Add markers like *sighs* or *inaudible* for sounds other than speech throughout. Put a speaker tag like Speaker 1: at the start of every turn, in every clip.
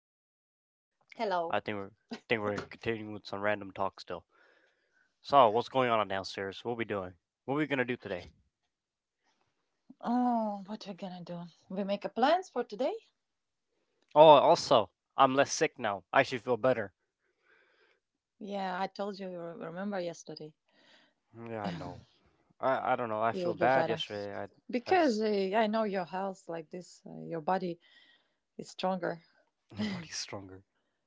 Speaker 1: 16. I think
Speaker 2: Hello.
Speaker 1: we're think we're continuing with some random talk still. So, what's going on downstairs? What we doing? What we gonna do today?
Speaker 2: Oh, what are we gonna do? We make a plans for today?
Speaker 1: Oh, also, I'm less sick now. I actually feel better.
Speaker 2: Yeah, I told you. You remember yesterday?
Speaker 1: Yeah, I know. I don't know. I feel
Speaker 2: You'll be
Speaker 1: bad
Speaker 2: better
Speaker 1: yesterday. I
Speaker 2: because
Speaker 1: just
Speaker 2: I know your health like this. Your body is stronger.
Speaker 1: *laughs* My body's stronger.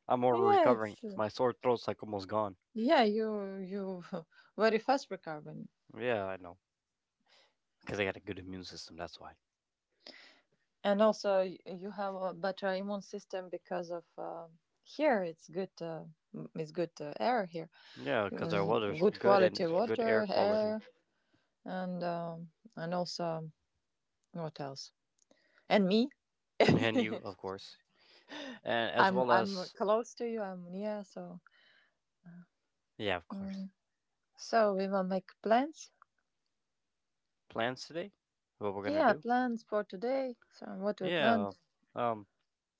Speaker 1: I'm already
Speaker 2: Yeah,
Speaker 1: recovering.
Speaker 2: it's
Speaker 1: My sore throat's like almost gone.
Speaker 2: yeah. You *laughs* very fast recovering,
Speaker 1: Yeah, I know. Because I got a good immune system. That's why.
Speaker 2: and also you have a better immune system because of here. It's good. It's good air here.
Speaker 1: Yeah, because our
Speaker 2: Mm,
Speaker 1: weather's
Speaker 2: good
Speaker 1: good and
Speaker 2: quality
Speaker 1: it's good air
Speaker 2: water,
Speaker 1: quality.
Speaker 2: air, and um, and also what else? And me.
Speaker 1: And you, of course, and as
Speaker 2: I'm
Speaker 1: well
Speaker 2: I'm
Speaker 1: as,
Speaker 2: close to you. I'm near, so,
Speaker 1: yeah, of course.
Speaker 2: mm. So we will make plans.
Speaker 1: Plans today? What we're gonna
Speaker 2: Yeah,
Speaker 1: do?
Speaker 2: plans for today. So what we
Speaker 1: Yeah.
Speaker 2: planned,
Speaker 1: Um.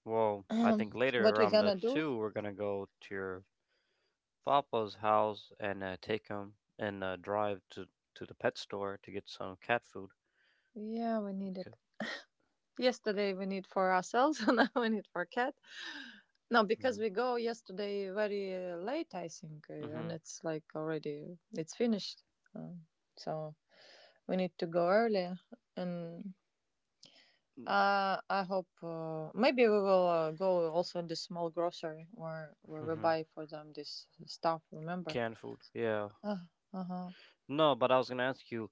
Speaker 1: Well, I think
Speaker 2: *clears throat*
Speaker 1: later
Speaker 2: what we
Speaker 1: around the
Speaker 2: gonna do?
Speaker 1: two, we're gonna go to your papa's house and take him and drive to the pet store to get some cat food.
Speaker 2: Yeah, we need
Speaker 1: Okay.
Speaker 2: it. Yesterday we need for ourselves, *laughs* and now we need for cat. No, because
Speaker 1: Mm-hmm.
Speaker 2: we go yesterday very late, I think, and
Speaker 1: Mm-hmm.
Speaker 2: it's like already it's finished. Um, so we need to go early and I hope maybe we will go also in the small grocery where we
Speaker 1: Mm-hmm.
Speaker 2: buy for them this stuff. Remember?
Speaker 1: Canned food. Yeah.
Speaker 2: Uh, uh-huh.
Speaker 1: No, but I was gonna ask you,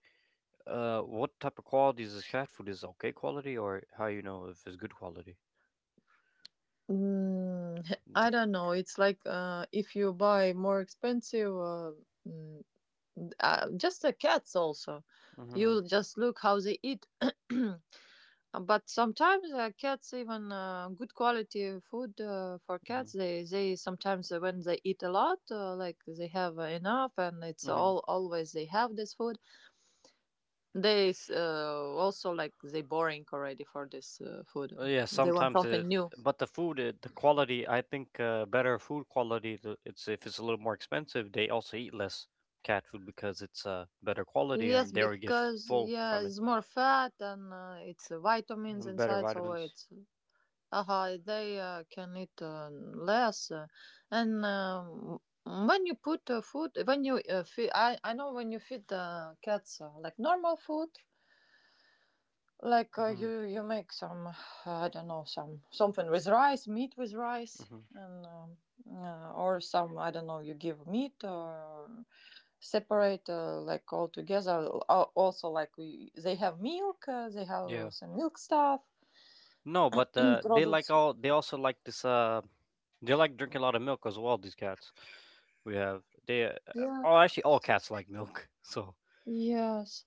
Speaker 1: what type of quality is this cat food? Is it okay quality, or how you know if it's good quality?
Speaker 2: Mm, *laughs* I don't know. It's like if you buy more expensive, mm, just the cats also.
Speaker 1: Mm-hmm.
Speaker 2: You just look how they eat. *clears throat* But sometimes cats even good quality food for cats. They sometimes when they eat a lot, like they have enough, and it's
Speaker 1: Mm-hmm.
Speaker 2: all always they have this food. Also like they boring already for this food.
Speaker 1: Yeah,
Speaker 2: They want
Speaker 1: sometimes
Speaker 2: something
Speaker 1: it,
Speaker 2: new.
Speaker 1: but the food, it, the quality, I think better food quality. It's, if it's a little more expensive, they also eat less cat food because it's better quality
Speaker 2: Yes,
Speaker 1: and they already get
Speaker 2: because,
Speaker 1: full
Speaker 2: yeah,
Speaker 1: from it.
Speaker 2: it's more fat and it's vitamins
Speaker 1: And better
Speaker 2: inside, so
Speaker 1: vitamins.
Speaker 2: it's. Uh-huh, they can eat less, and when you put food, when you feed, I know when you feed the cats like normal food, like
Speaker 1: Hmm.
Speaker 2: you make some, I don't know, some something with rice, meat with rice,
Speaker 1: Hmm.
Speaker 2: and or some, I don't know, you give meat or separate like all together. Also, like we, they have milk, they have
Speaker 1: Yeah.
Speaker 2: some milk stuff
Speaker 1: No, but
Speaker 2: *clears throat*
Speaker 1: they like
Speaker 2: products.
Speaker 1: all. They also like this. They like drinking a lot of milk as well. These cats we have. They.
Speaker 2: Yeah.
Speaker 1: Oh, actually, all cats like milk. *laughs* So.
Speaker 2: Yes.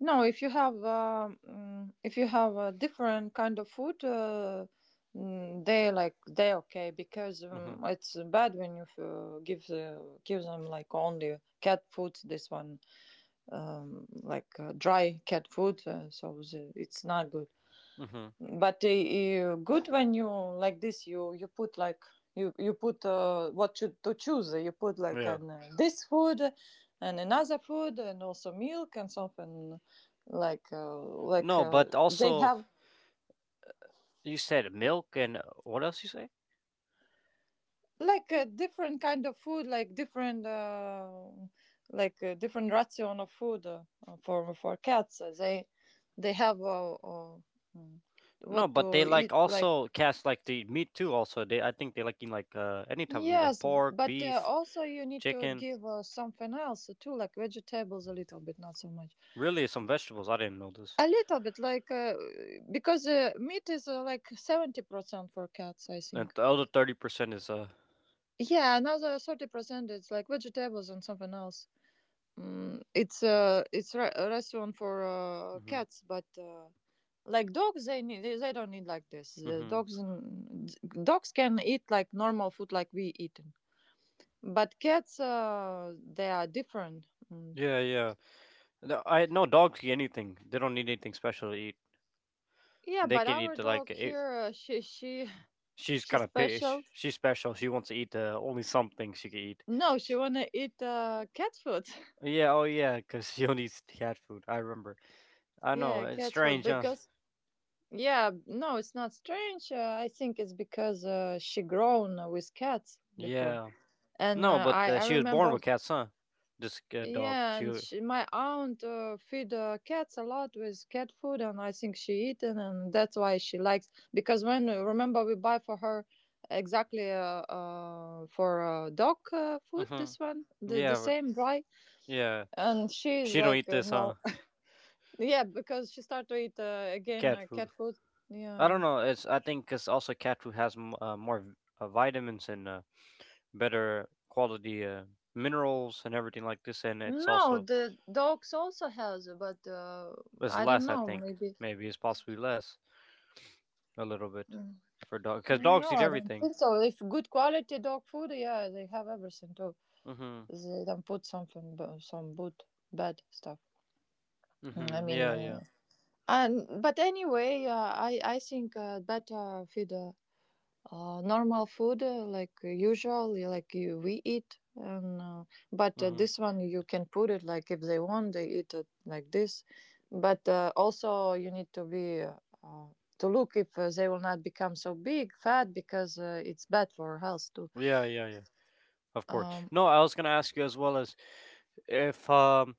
Speaker 2: No, if you have if you have a different kind of food, they like they okay because
Speaker 1: Hmm.
Speaker 2: it's bad when you give them like only cat food. This one like dry cat food, so the, it's not good
Speaker 1: Hmm.
Speaker 2: but good when you like this you put like you put what you, to choose, you put like
Speaker 1: Yeah.
Speaker 2: an this food and another food and also milk and something like uh, like
Speaker 1: No,
Speaker 2: uh,
Speaker 1: but
Speaker 2: they
Speaker 1: also
Speaker 2: have
Speaker 1: you said milk and what else you say?
Speaker 2: like a different kind of food, like different different ration of food for cats. They have mm,
Speaker 1: No,
Speaker 2: what
Speaker 1: but they
Speaker 2: to
Speaker 1: like
Speaker 2: eat like.
Speaker 1: also cast like the meat too. Also, they I think they like eating like any type of meat, like
Speaker 2: Yes,
Speaker 1: pork,
Speaker 2: but
Speaker 1: beef,
Speaker 2: also you need to
Speaker 1: chicken.
Speaker 2: give something else too, like vegetables a little bit, not so much.
Speaker 1: Really, some vegetables. I didn't know this.
Speaker 2: A little bit, like because meat is like 70% for cats, I
Speaker 1: And
Speaker 2: think.
Speaker 1: the other 30% is.
Speaker 2: Yeah, another 30% is like vegetables and something else. Mm, it's a restaurant for
Speaker 1: Hmm.
Speaker 2: cats, but like dogs, they don't need like this. The
Speaker 1: Hmm.
Speaker 2: dogs and dogs can eat like normal food, like we eat. But cats, they are different. Mm.
Speaker 1: Yeah, yeah. No, I no dogs eat anything. They don't need anything special to eat.
Speaker 2: Yeah,
Speaker 1: They
Speaker 2: but
Speaker 1: can eat
Speaker 2: our
Speaker 1: the, like
Speaker 2: dog
Speaker 1: it,
Speaker 2: here, she, *laughs*
Speaker 1: she's
Speaker 2: she's
Speaker 1: kind of pish.
Speaker 2: special.
Speaker 1: She's special. She wants to eat only something she can eat.
Speaker 2: No,
Speaker 1: Sh
Speaker 2: she wanna eat cat food.
Speaker 1: yeah, oh yeah, because *laughs* she only eats cat food. I remember.
Speaker 2: *laughs*
Speaker 1: I know.
Speaker 2: Yeah,
Speaker 1: It's
Speaker 2: cat food,
Speaker 1: strange, huh?
Speaker 2: because, yeah, no, it's not strange. I think it's because she grown with cats before,
Speaker 1: Yeah.
Speaker 2: and
Speaker 1: No, but
Speaker 2: I I
Speaker 1: she was born
Speaker 2: remember.
Speaker 1: with cats, huh? This dog.
Speaker 2: Yeah, and
Speaker 1: She.
Speaker 2: she, my aunt feed cats a lot with cat food, and I think she eaten, and that's why she likes. Because when remember, we buy for her exactly for dog food, this
Speaker 1: Mm-hmm.
Speaker 2: one, the
Speaker 1: Yeah, but
Speaker 2: same dry,
Speaker 1: yeah,
Speaker 2: and she's
Speaker 1: she don't eat
Speaker 2: like,
Speaker 1: this, huh?
Speaker 2: no, *laughs* yeah, because she start to eat again
Speaker 1: Cat food.
Speaker 2: cat food.
Speaker 1: I
Speaker 2: Yeah,
Speaker 1: don't know. It's, I think, because also cat food has more vitamins and better quality minerals and everything like this, and
Speaker 2: no, the dogs also has, but
Speaker 1: it's
Speaker 2: I don't
Speaker 1: less. I
Speaker 2: know,
Speaker 1: think
Speaker 2: maybe.
Speaker 1: maybe it's possibly less a little bit
Speaker 2: Mm.
Speaker 1: for dog because
Speaker 2: No,
Speaker 1: dogs eat
Speaker 2: I don't
Speaker 1: everything.
Speaker 2: think so. If good quality dog food, yeah, they have everything too.
Speaker 1: Mm-hmm.
Speaker 2: They don't put something, some good, bad stuff. Mm, I
Speaker 1: Mm-hmm.
Speaker 2: mean,
Speaker 1: Yeah. Yeah.
Speaker 2: and but anyway, I think better feed. Normal food like usually like you, we eat, and but
Speaker 1: Mm-hmm.
Speaker 2: this one you can put it like if they want they eat it like this but also you need to be uh, to look if they will not become so big fat because it's bad for health too.
Speaker 1: Yeah. Yeah. Yeah. Of course.
Speaker 2: um
Speaker 1: No, I was gonna ask you as well as if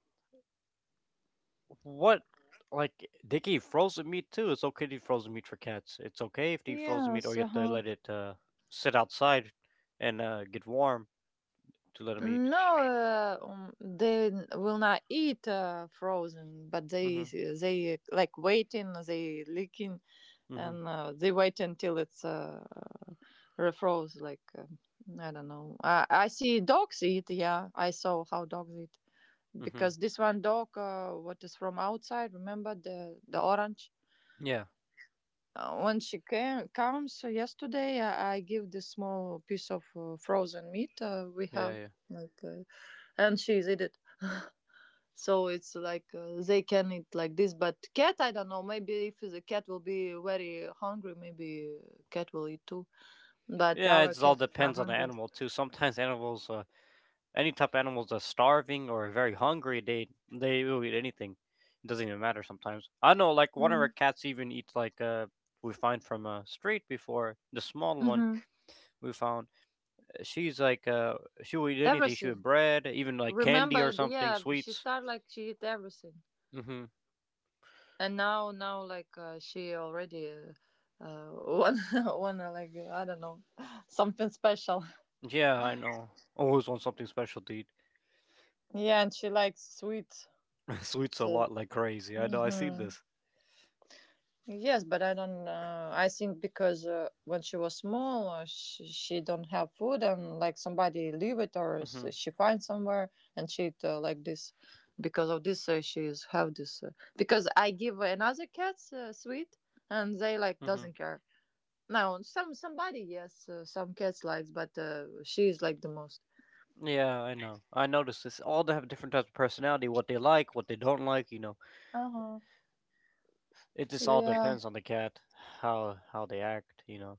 Speaker 1: what like they gave frozen meat too. It's okay to eat frozen meat for cats. It's okay if they eat frozen meat, or
Speaker 2: yes.
Speaker 1: you have to
Speaker 2: Uh-huh.
Speaker 1: let it sit outside and get warm to let them eat.
Speaker 2: No, they will not eat frozen, but they
Speaker 1: Mhm.
Speaker 2: they like waiting, they licking,
Speaker 1: Mhm.
Speaker 2: and they wait until it's refroze like, I don't know. I see dogs eat, yeah, I saw how dogs eat,
Speaker 1: Mhm.
Speaker 2: because this one dog, what is from outside, remember, the orange,
Speaker 1: Yeah.
Speaker 2: when she came comes yesterday, I give this small piece of frozen meat we
Speaker 1: Yeah.
Speaker 2: have,
Speaker 1: Yeah.
Speaker 2: like, and she's eat it, so it's like they can eat like this, but cat, I don't know, maybe if the cat will be very hungry, maybe cat will eat too, but
Speaker 1: Yeah.
Speaker 2: our
Speaker 1: It all
Speaker 2: cat is not
Speaker 1: depends on the
Speaker 2: hungry.
Speaker 1: animal too. Sometimes *laughs* animals, any type of animals, are starving or very hungry. They will eat anything. It doesn't even matter sometimes. I know, like one of our cats even eats like, we find from a street before, the small one
Speaker 2: Mm-hmm.
Speaker 1: we found, she's like, she'll eat anything. She would
Speaker 2: Everything,
Speaker 1: bread, even like candy or
Speaker 2: remember,
Speaker 1: something
Speaker 2: yeah, she
Speaker 1: sweets.
Speaker 2: started like she hit everything,
Speaker 1: Mm-hmm.
Speaker 2: and now like, she already, *laughs* uh one one *laughs* like, I don't know, something special.
Speaker 1: Yeah, I know, always want something special to eat.
Speaker 2: Yeah, and she likes sweet,
Speaker 1: *laughs* Sweets a
Speaker 2: so.
Speaker 1: lot, like crazy. I know, I see
Speaker 2: Mm-hmm.
Speaker 1: this.
Speaker 2: Yes, but I don't. I think because when she was small, she don't have food, and like somebody leave it or
Speaker 1: Mm-hmm.
Speaker 2: she finds somewhere, and she eat like this. Because of this, she's have this. Because I give another cats sweet, and they like
Speaker 1: Mm-hmm.
Speaker 2: doesn't care. Now somebody, yes, some cats likes, but she is like the most.
Speaker 1: Yeah, I know, I noticed this. All they have different types of personality, what they like, what they don't like, you know.
Speaker 2: Uh huh.
Speaker 1: It just all
Speaker 2: Yeah,
Speaker 1: depends on the cat, how they act, you know,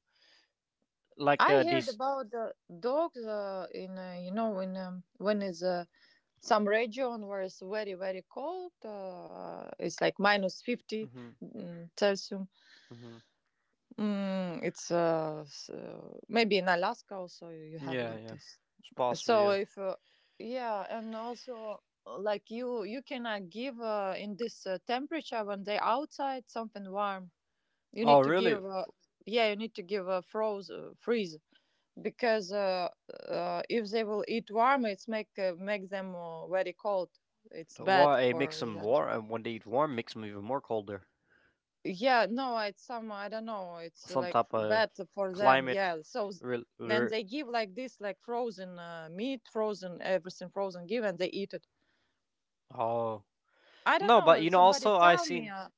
Speaker 1: like
Speaker 2: I heard
Speaker 1: these.
Speaker 2: about the dogs. In you know, in, when is some region where it's very very cold, it's like minus 50
Speaker 1: Mm-hmm.
Speaker 2: celsius.
Speaker 1: Mm-hmm.
Speaker 2: It's maybe in Alaska, also you have
Speaker 1: Yeah,
Speaker 2: like
Speaker 1: yeah,
Speaker 2: this.
Speaker 1: it's possible,
Speaker 2: So
Speaker 1: yeah.
Speaker 2: if yeah, and also like you cannot give in this temperature when they outside something warm. You
Speaker 1: Oh,
Speaker 2: need to
Speaker 1: really?
Speaker 2: give, yeah, you need to give a froze freeze, because if they will eat warm, it's make them very cold. It's bad
Speaker 1: Why
Speaker 2: for
Speaker 1: mix them
Speaker 2: them.
Speaker 1: warm? And when they eat warm, makes them even more colder.
Speaker 2: Yeah, no, it's some, I don't know. It's
Speaker 1: Some
Speaker 2: like
Speaker 1: type of
Speaker 2: bad for them.
Speaker 1: climate
Speaker 2: Yeah, so
Speaker 1: re-
Speaker 2: then
Speaker 1: re-
Speaker 2: they give like this, like frozen meat, frozen everything, frozen give, and they eat it.
Speaker 1: oh.
Speaker 2: I don't
Speaker 1: No, but
Speaker 2: know. Somebody
Speaker 1: also I
Speaker 2: tell me
Speaker 1: seen.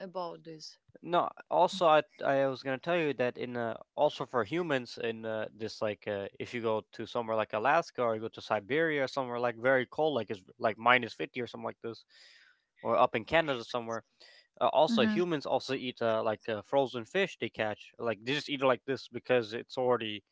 Speaker 2: about this.
Speaker 1: No, also I was gonna tell you that in also for humans, in this like, if you go to somewhere like Alaska, or you go to Siberia or somewhere like very cold, like it's like minus 50 or something like this, or up in Canada somewhere, also
Speaker 2: Hmm.
Speaker 1: humans also eat, like, frozen fish they catch, like they just eat it like this because it's already,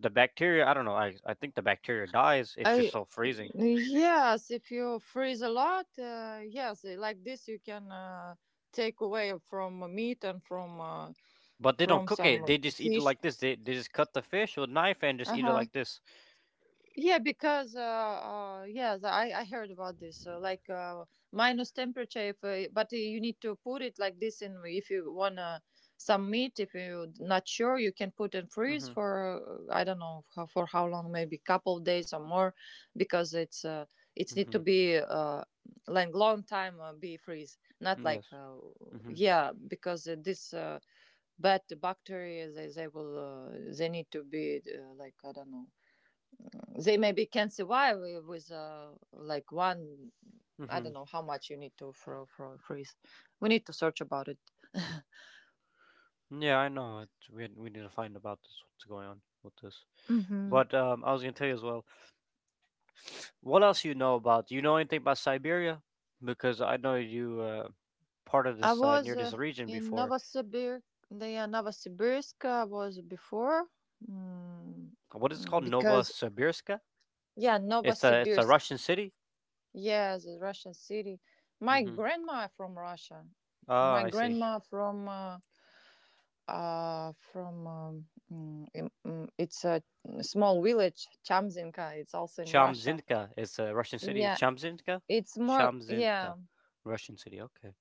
Speaker 1: the bacteria, I don't know, I think the bacteria dies if it's
Speaker 2: I
Speaker 1: so freezing.
Speaker 2: Yes, if you freeze a lot, yes, like this you can take away from meat and from uh,
Speaker 1: But they don't
Speaker 2: from
Speaker 1: cook it.
Speaker 2: some
Speaker 1: They
Speaker 2: *laughs*
Speaker 1: just eat it
Speaker 2: fish.
Speaker 1: like this. They just cut the fish with a knife and just
Speaker 2: Uh
Speaker 1: eat it
Speaker 2: huh.
Speaker 1: like this.
Speaker 2: Yeah, because yeah, the, I heard about this. Like minus temperature, if but you need to put it like this in. If you wanna some meat, if you're not sure, you can put and freeze
Speaker 1: Mhm.
Speaker 2: for I don't know how, for how long, maybe couple of days or more, because it's need to
Speaker 1: Mhm.
Speaker 2: be like long time be freeze, not
Speaker 1: Yes.
Speaker 2: like
Speaker 1: Mhm.
Speaker 2: yeah, because this but the bacteria they will they need to be like, I don't know, they maybe can survive with like one, I don't
Speaker 1: Mhm.
Speaker 2: know how much you need to for freeze. We need to search about it.
Speaker 1: Yeah, I know. It, we need to find about this. What's going on with this?
Speaker 2: Hmm.
Speaker 1: But I was gonna tell you as well. What else you know about? You know anything about Siberia? Because I know you part of
Speaker 2: I
Speaker 1: this
Speaker 2: was
Speaker 1: near this region
Speaker 2: in
Speaker 1: before.
Speaker 2: Novosibirsk. The Novosibirsk I was before, mm,
Speaker 1: What is it called?
Speaker 2: because,
Speaker 1: Novosibirsk?
Speaker 2: yeah,
Speaker 1: It's a
Speaker 2: Novosibirsk.
Speaker 1: Russian city.
Speaker 2: Yes, a Russian city. My
Speaker 1: Mhm.
Speaker 2: grandma from Russia.
Speaker 1: Ah,
Speaker 2: My
Speaker 1: I see.
Speaker 2: grandma from from, it's a small village, Chamzinka. It's also in Russia.
Speaker 1: Shamzinka is a Russian city.
Speaker 2: Yeah,
Speaker 1: Shamzinka?
Speaker 2: it's more,
Speaker 1: Shamzinka.
Speaker 2: yeah,
Speaker 1: Russian city. Okay.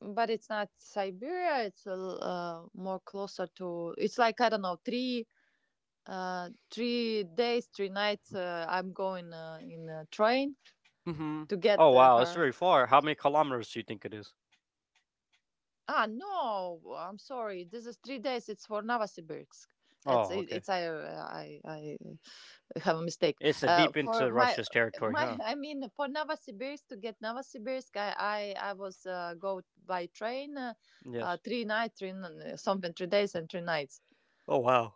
Speaker 2: but it's not Siberia. It's a more closer to. It's like I don't know three, 3 days, 3 nights, I'm going in a train
Speaker 1: Mhm.
Speaker 2: to get
Speaker 1: Oh wow, it's
Speaker 2: her.
Speaker 1: very far. How many kilometers do you think it is?
Speaker 2: Ah, no, I'm sorry. This is 3 days. It's for Novosibirsk. It's
Speaker 1: Oh,
Speaker 2: it,
Speaker 1: okay.
Speaker 2: it's I have a mistake.
Speaker 1: It's deep
Speaker 2: For
Speaker 1: into
Speaker 2: my
Speaker 1: Russia's territory,
Speaker 2: my
Speaker 1: huh?
Speaker 2: *laughs* I mean, for Novosibirsk, to get Novosibirsk, I was go by train,
Speaker 1: Yes.
Speaker 2: three night, three n- something, 3 days and 3 nights.
Speaker 1: Oh wow.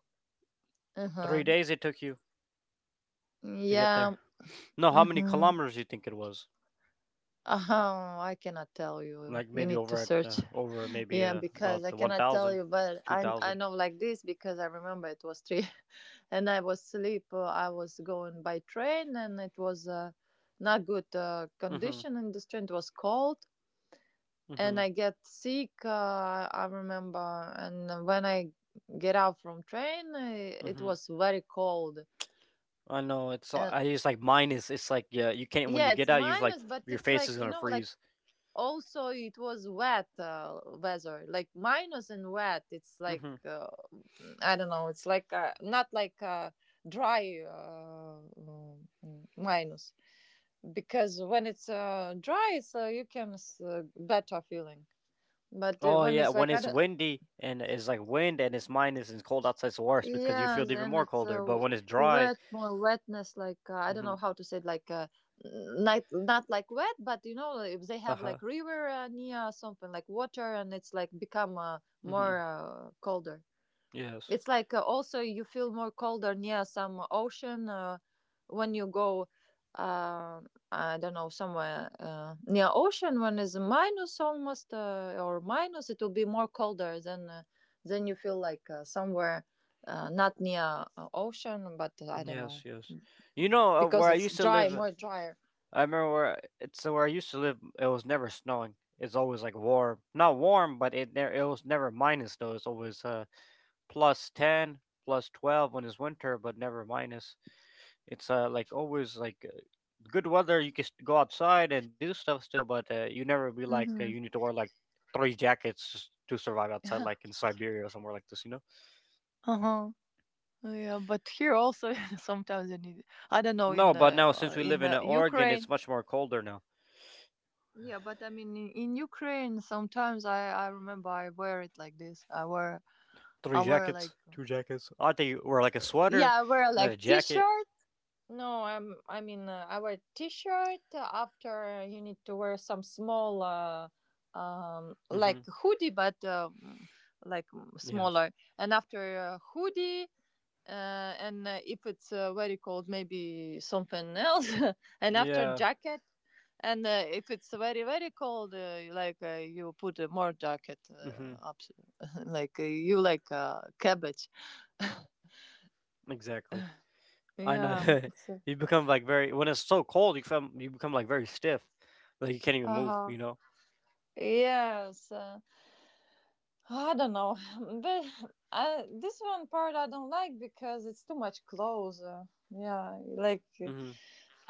Speaker 1: 3
Speaker 2: Uh-huh.
Speaker 1: days it took you to get there.
Speaker 2: Yeah.
Speaker 1: No, how many
Speaker 2: Mm-hmm.
Speaker 1: kilometers do you think it was?
Speaker 2: Uh-huh. I cannot tell you.
Speaker 1: Like
Speaker 2: You
Speaker 1: maybe
Speaker 2: need to
Speaker 1: over at,
Speaker 2: search.
Speaker 1: over maybe
Speaker 2: Yeah,
Speaker 1: about
Speaker 2: because I cannot tell
Speaker 1: 1,000,
Speaker 2: you, but I
Speaker 1: 2000.
Speaker 2: know like this because I remember it was three, *laughs* and I was asleep. I was going by train, and it was not good
Speaker 1: Mhm.
Speaker 2: condition and this train. Was cold, and
Speaker 1: Mhm.
Speaker 2: I get sick. I remember, and when I get out from train, it
Speaker 1: Mhm.
Speaker 2: was very cold.
Speaker 1: I know it's
Speaker 2: And
Speaker 1: I, it's like minus, it's like, yeah, you can't when you
Speaker 2: yeah, it's
Speaker 1: get out, you've like,
Speaker 2: minus, but
Speaker 1: your
Speaker 2: it's
Speaker 1: face
Speaker 2: like,
Speaker 1: is going
Speaker 2: you
Speaker 1: to
Speaker 2: know, like
Speaker 1: freeze.
Speaker 2: also it was wet weather, like minus and wet. It's like I don't know, it's like not like dry minus. Because when it's dry, it's you can better feeling. But
Speaker 1: Oh
Speaker 2: when
Speaker 1: yeah,
Speaker 2: it's
Speaker 1: when
Speaker 2: like
Speaker 1: it's
Speaker 2: I.
Speaker 1: windy and it's like wind and it's minus and it's cold outside, it's worse because you feel
Speaker 2: Yes,
Speaker 1: even
Speaker 2: and
Speaker 1: more
Speaker 2: it's
Speaker 1: colder.
Speaker 2: a
Speaker 1: But when it's dry,
Speaker 2: wet, more wetness. Like I don't
Speaker 1: mm-hmm,
Speaker 2: know how to say it. Like not like wet, but you know, like if they
Speaker 1: uh
Speaker 2: have
Speaker 1: huh,
Speaker 2: like river near something like water, and it's like become
Speaker 1: mm-hmm,
Speaker 2: more colder.
Speaker 1: yes,
Speaker 2: It's like also you feel more colder near some ocean when you go. Uh, I don't know, somewhere near ocean, when it's minus almost or minus, it will be more colder than you feel like somewhere not near ocean, but I don't
Speaker 1: yes,
Speaker 2: know,
Speaker 1: yes. You know,
Speaker 2: because
Speaker 1: where I
Speaker 2: it's
Speaker 1: used to
Speaker 2: dry,
Speaker 1: live?
Speaker 2: more drier.
Speaker 1: I remember where it's so where I used to live. It was never snowing. It's always like warm, not warm, but it it was never minus though. It's always +10, plus 12 when it's winter, but never minus. It's like always like good weather, you can go outside and do stuff still, but you never be like,
Speaker 2: Hmm.
Speaker 1: you need to wear like three jackets just to survive outside,
Speaker 2: Uh
Speaker 1: like in Siberia or somewhere like this, you know?
Speaker 2: huh. *laughs* Yeah, but here also *laughs* sometimes you need. I don't know
Speaker 1: No,
Speaker 2: in
Speaker 1: but now since we live in Oregon, it's
Speaker 2: Ukraine.
Speaker 1: much more colder now.
Speaker 2: Yeah, but I mean, in Ukraine, sometimes I remember I wear it like this. I wear I
Speaker 1: Three
Speaker 2: wear
Speaker 1: jackets,
Speaker 2: like,
Speaker 1: two jackets. I think you wear like a sweater,
Speaker 2: yeah, I wear
Speaker 1: and then
Speaker 2: like
Speaker 1: a jacket.
Speaker 2: t-shirt. No, I mean, I wear t-shirt. After, you need to wear some small
Speaker 1: Mm-hmm.
Speaker 2: like hoodie, but like
Speaker 1: Yes.
Speaker 2: smaller. And after hoodie, and if it's very cold, maybe something else. *laughs* And after,
Speaker 1: Yeah.
Speaker 2: jacket. And if it's very very cold, like you put more jacket
Speaker 1: Mm-hmm.
Speaker 2: up, *laughs* like you like cabbage. *laughs*
Speaker 1: Exactly. I know.
Speaker 2: Yeah, it's.
Speaker 1: *laughs* You become like very, when it's so cold, you become like very stiff, like you can't even
Speaker 2: Uh
Speaker 1: move,
Speaker 2: huh.
Speaker 1: you know.
Speaker 2: Yes. I don't know, *sighs* *laughs* but this one part I don't like because it's too much clothes. Yeah, like
Speaker 1: Mm-hmm.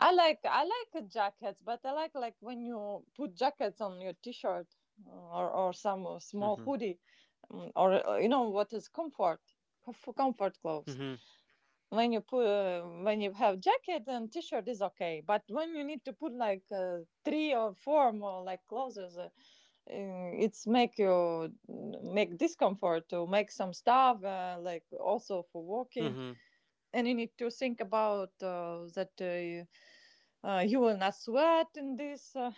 Speaker 2: I like jackets, but I like when you put jackets on your t-shirt, or some small
Speaker 1: Mm-hmm.
Speaker 2: hoodie, or you know what is comfort clothes.
Speaker 1: Mm-hmm.
Speaker 2: When you have jacket and t-shirt is okay, but when you need to put like three or four more like clothes, it's make you make discomfort to make some stuff, like also for walking.
Speaker 1: Mm-hmm.
Speaker 2: And you need to think about that you will not sweat in this,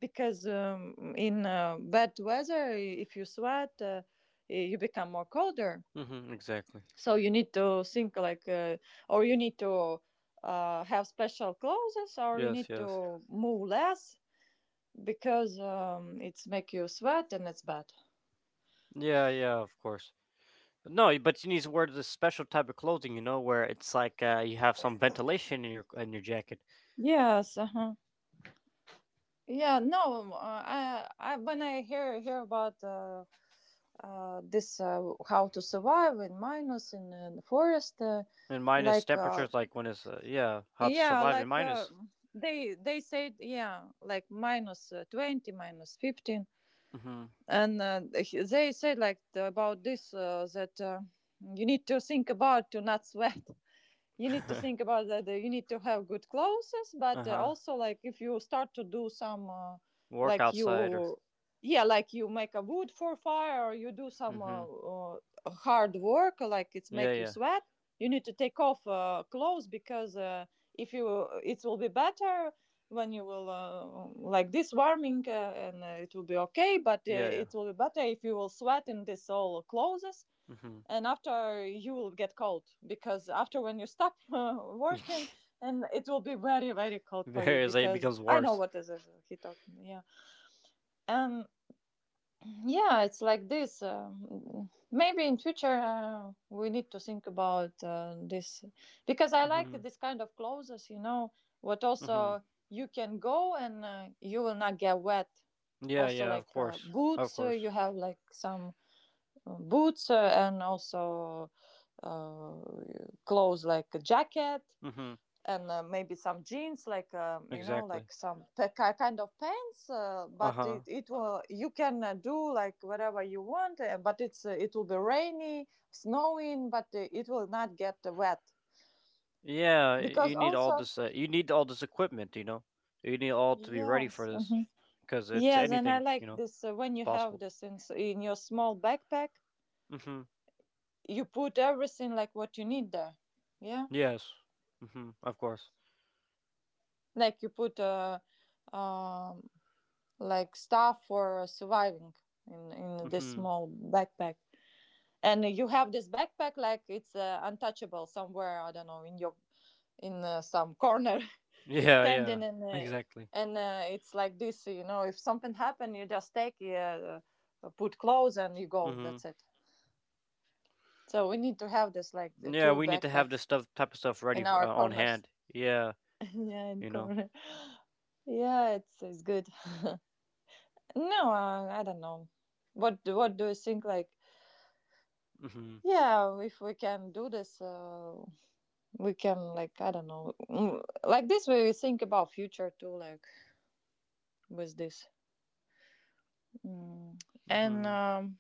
Speaker 2: because in bad weather, if you sweat, you become more colder.
Speaker 1: Mm-hmm. Exactly.
Speaker 2: So you need to think like, or you need to have special clothes, or you
Speaker 1: Yes,
Speaker 2: need
Speaker 1: yes.
Speaker 2: to move less because it's make you sweat and it's bad.
Speaker 1: Yeah, yeah, of course. No, but you need to wear this special type of clothing, where it's like, you have some ventilation in your jacket.
Speaker 2: Yes, uh-huh. Yeah, no, I when I hear about this, how to survive in minus in, the forest,
Speaker 1: And minus
Speaker 2: like
Speaker 1: temperatures, like when it's yeah, how to
Speaker 2: yeah,
Speaker 1: survive in
Speaker 2: like
Speaker 1: minus.
Speaker 2: they said, yeah, like minus 20, minus 15, and they said like about this, that you need to think about to not *laughs* sweat. You need to
Speaker 1: Mm-hmm.
Speaker 2: think about that you need to have good clothes,
Speaker 1: *laughs*
Speaker 2: but
Speaker 1: Uh-huh.
Speaker 2: also like, if you start to do some,
Speaker 1: Work
Speaker 2: like
Speaker 1: outside, or.
Speaker 2: you yeah, like you make a wood for fire, or you do some
Speaker 1: Mm-hmm.
Speaker 2: hard work, like it's
Speaker 1: Yeah,
Speaker 2: make you
Speaker 1: yeah,
Speaker 2: sweat. You need to take off clothes because, if you it will be better when you will, like this warming, and it will be okay, but
Speaker 1: yeah, yeah.
Speaker 2: it will be better if you will sweat in this all clothes,
Speaker 1: Mm-hmm.
Speaker 2: and after you will get cold because after when you stop *laughs* working, and it will be very very
Speaker 1: *laughs*
Speaker 2: cold for you
Speaker 1: Various, it
Speaker 2: because
Speaker 1: becomes
Speaker 2: I know
Speaker 1: worse.
Speaker 2: what is he talking. Yeah. um yeah, it's like this. Maybe in future we need to think about this, because I like
Speaker 1: Mm-hmm.
Speaker 2: this kind of clothes, you know, what
Speaker 1: Mm-hmm.
Speaker 2: also you can go and you will not get wet.
Speaker 1: Yeah,
Speaker 2: Also
Speaker 1: yeah, of
Speaker 2: like
Speaker 1: course, of
Speaker 2: boots,
Speaker 1: course.
Speaker 2: you have like some boots, and also uh, clothes like a jacket,
Speaker 1: Mm-hmm.
Speaker 2: and maybe some jeans like, you know,
Speaker 1: Exactly.
Speaker 2: like some kind of pants, but
Speaker 1: Uh-huh.
Speaker 2: it will, you can do like whatever you want, but it's, it will be rainy, snowing, but it will not get wet
Speaker 1: Yeah,
Speaker 2: because
Speaker 1: you need all
Speaker 2: also.
Speaker 1: this. You need all this equipment. You know, you need all to be ready for
Speaker 2: Yes,
Speaker 1: this,
Speaker 2: mhm.
Speaker 1: because it's
Speaker 2: Yes, and I
Speaker 1: anything. You
Speaker 2: like
Speaker 1: know,
Speaker 2: this, when
Speaker 1: it's
Speaker 2: you have
Speaker 1: possible.
Speaker 2: this in, in your small backpack
Speaker 1: Mm-hmm.
Speaker 2: you put everything like what you need there. Yeah.
Speaker 1: Yes. Mm-hmm. Of course.
Speaker 2: Like you put, um, like stuff for surviving in this
Speaker 1: Mm-hmm. *laughs*
Speaker 2: small backpack, and you have this backpack like it's untouchable somewhere. I don't know, in your in some corner. *laughs* It's
Speaker 1: Yeah. Yeah.
Speaker 2: standing, and uh,
Speaker 1: Exactly.
Speaker 2: and uh, it's like this. You know, if something happen, you just take, put clothes and you go.
Speaker 1: Mm-hmm.
Speaker 2: That's it. So we need to have this, like the
Speaker 1: Yeah,
Speaker 2: two
Speaker 1: we need to have this
Speaker 2: backpacks
Speaker 1: stuff, type of stuff, ready
Speaker 2: in our
Speaker 1: on
Speaker 2: corners.
Speaker 1: hand. Yeah.
Speaker 2: *laughs* Yeah, in
Speaker 1: You know.
Speaker 2: corner. Yeah, it's good. No, I don't know. What do you think? Like,
Speaker 1: Mm-hmm.
Speaker 2: yeah, if we can do this, we can, like, I don't know, like this way. We think about future too, like, with this. mm. and
Speaker 1: Mm-hmm.
Speaker 2: um,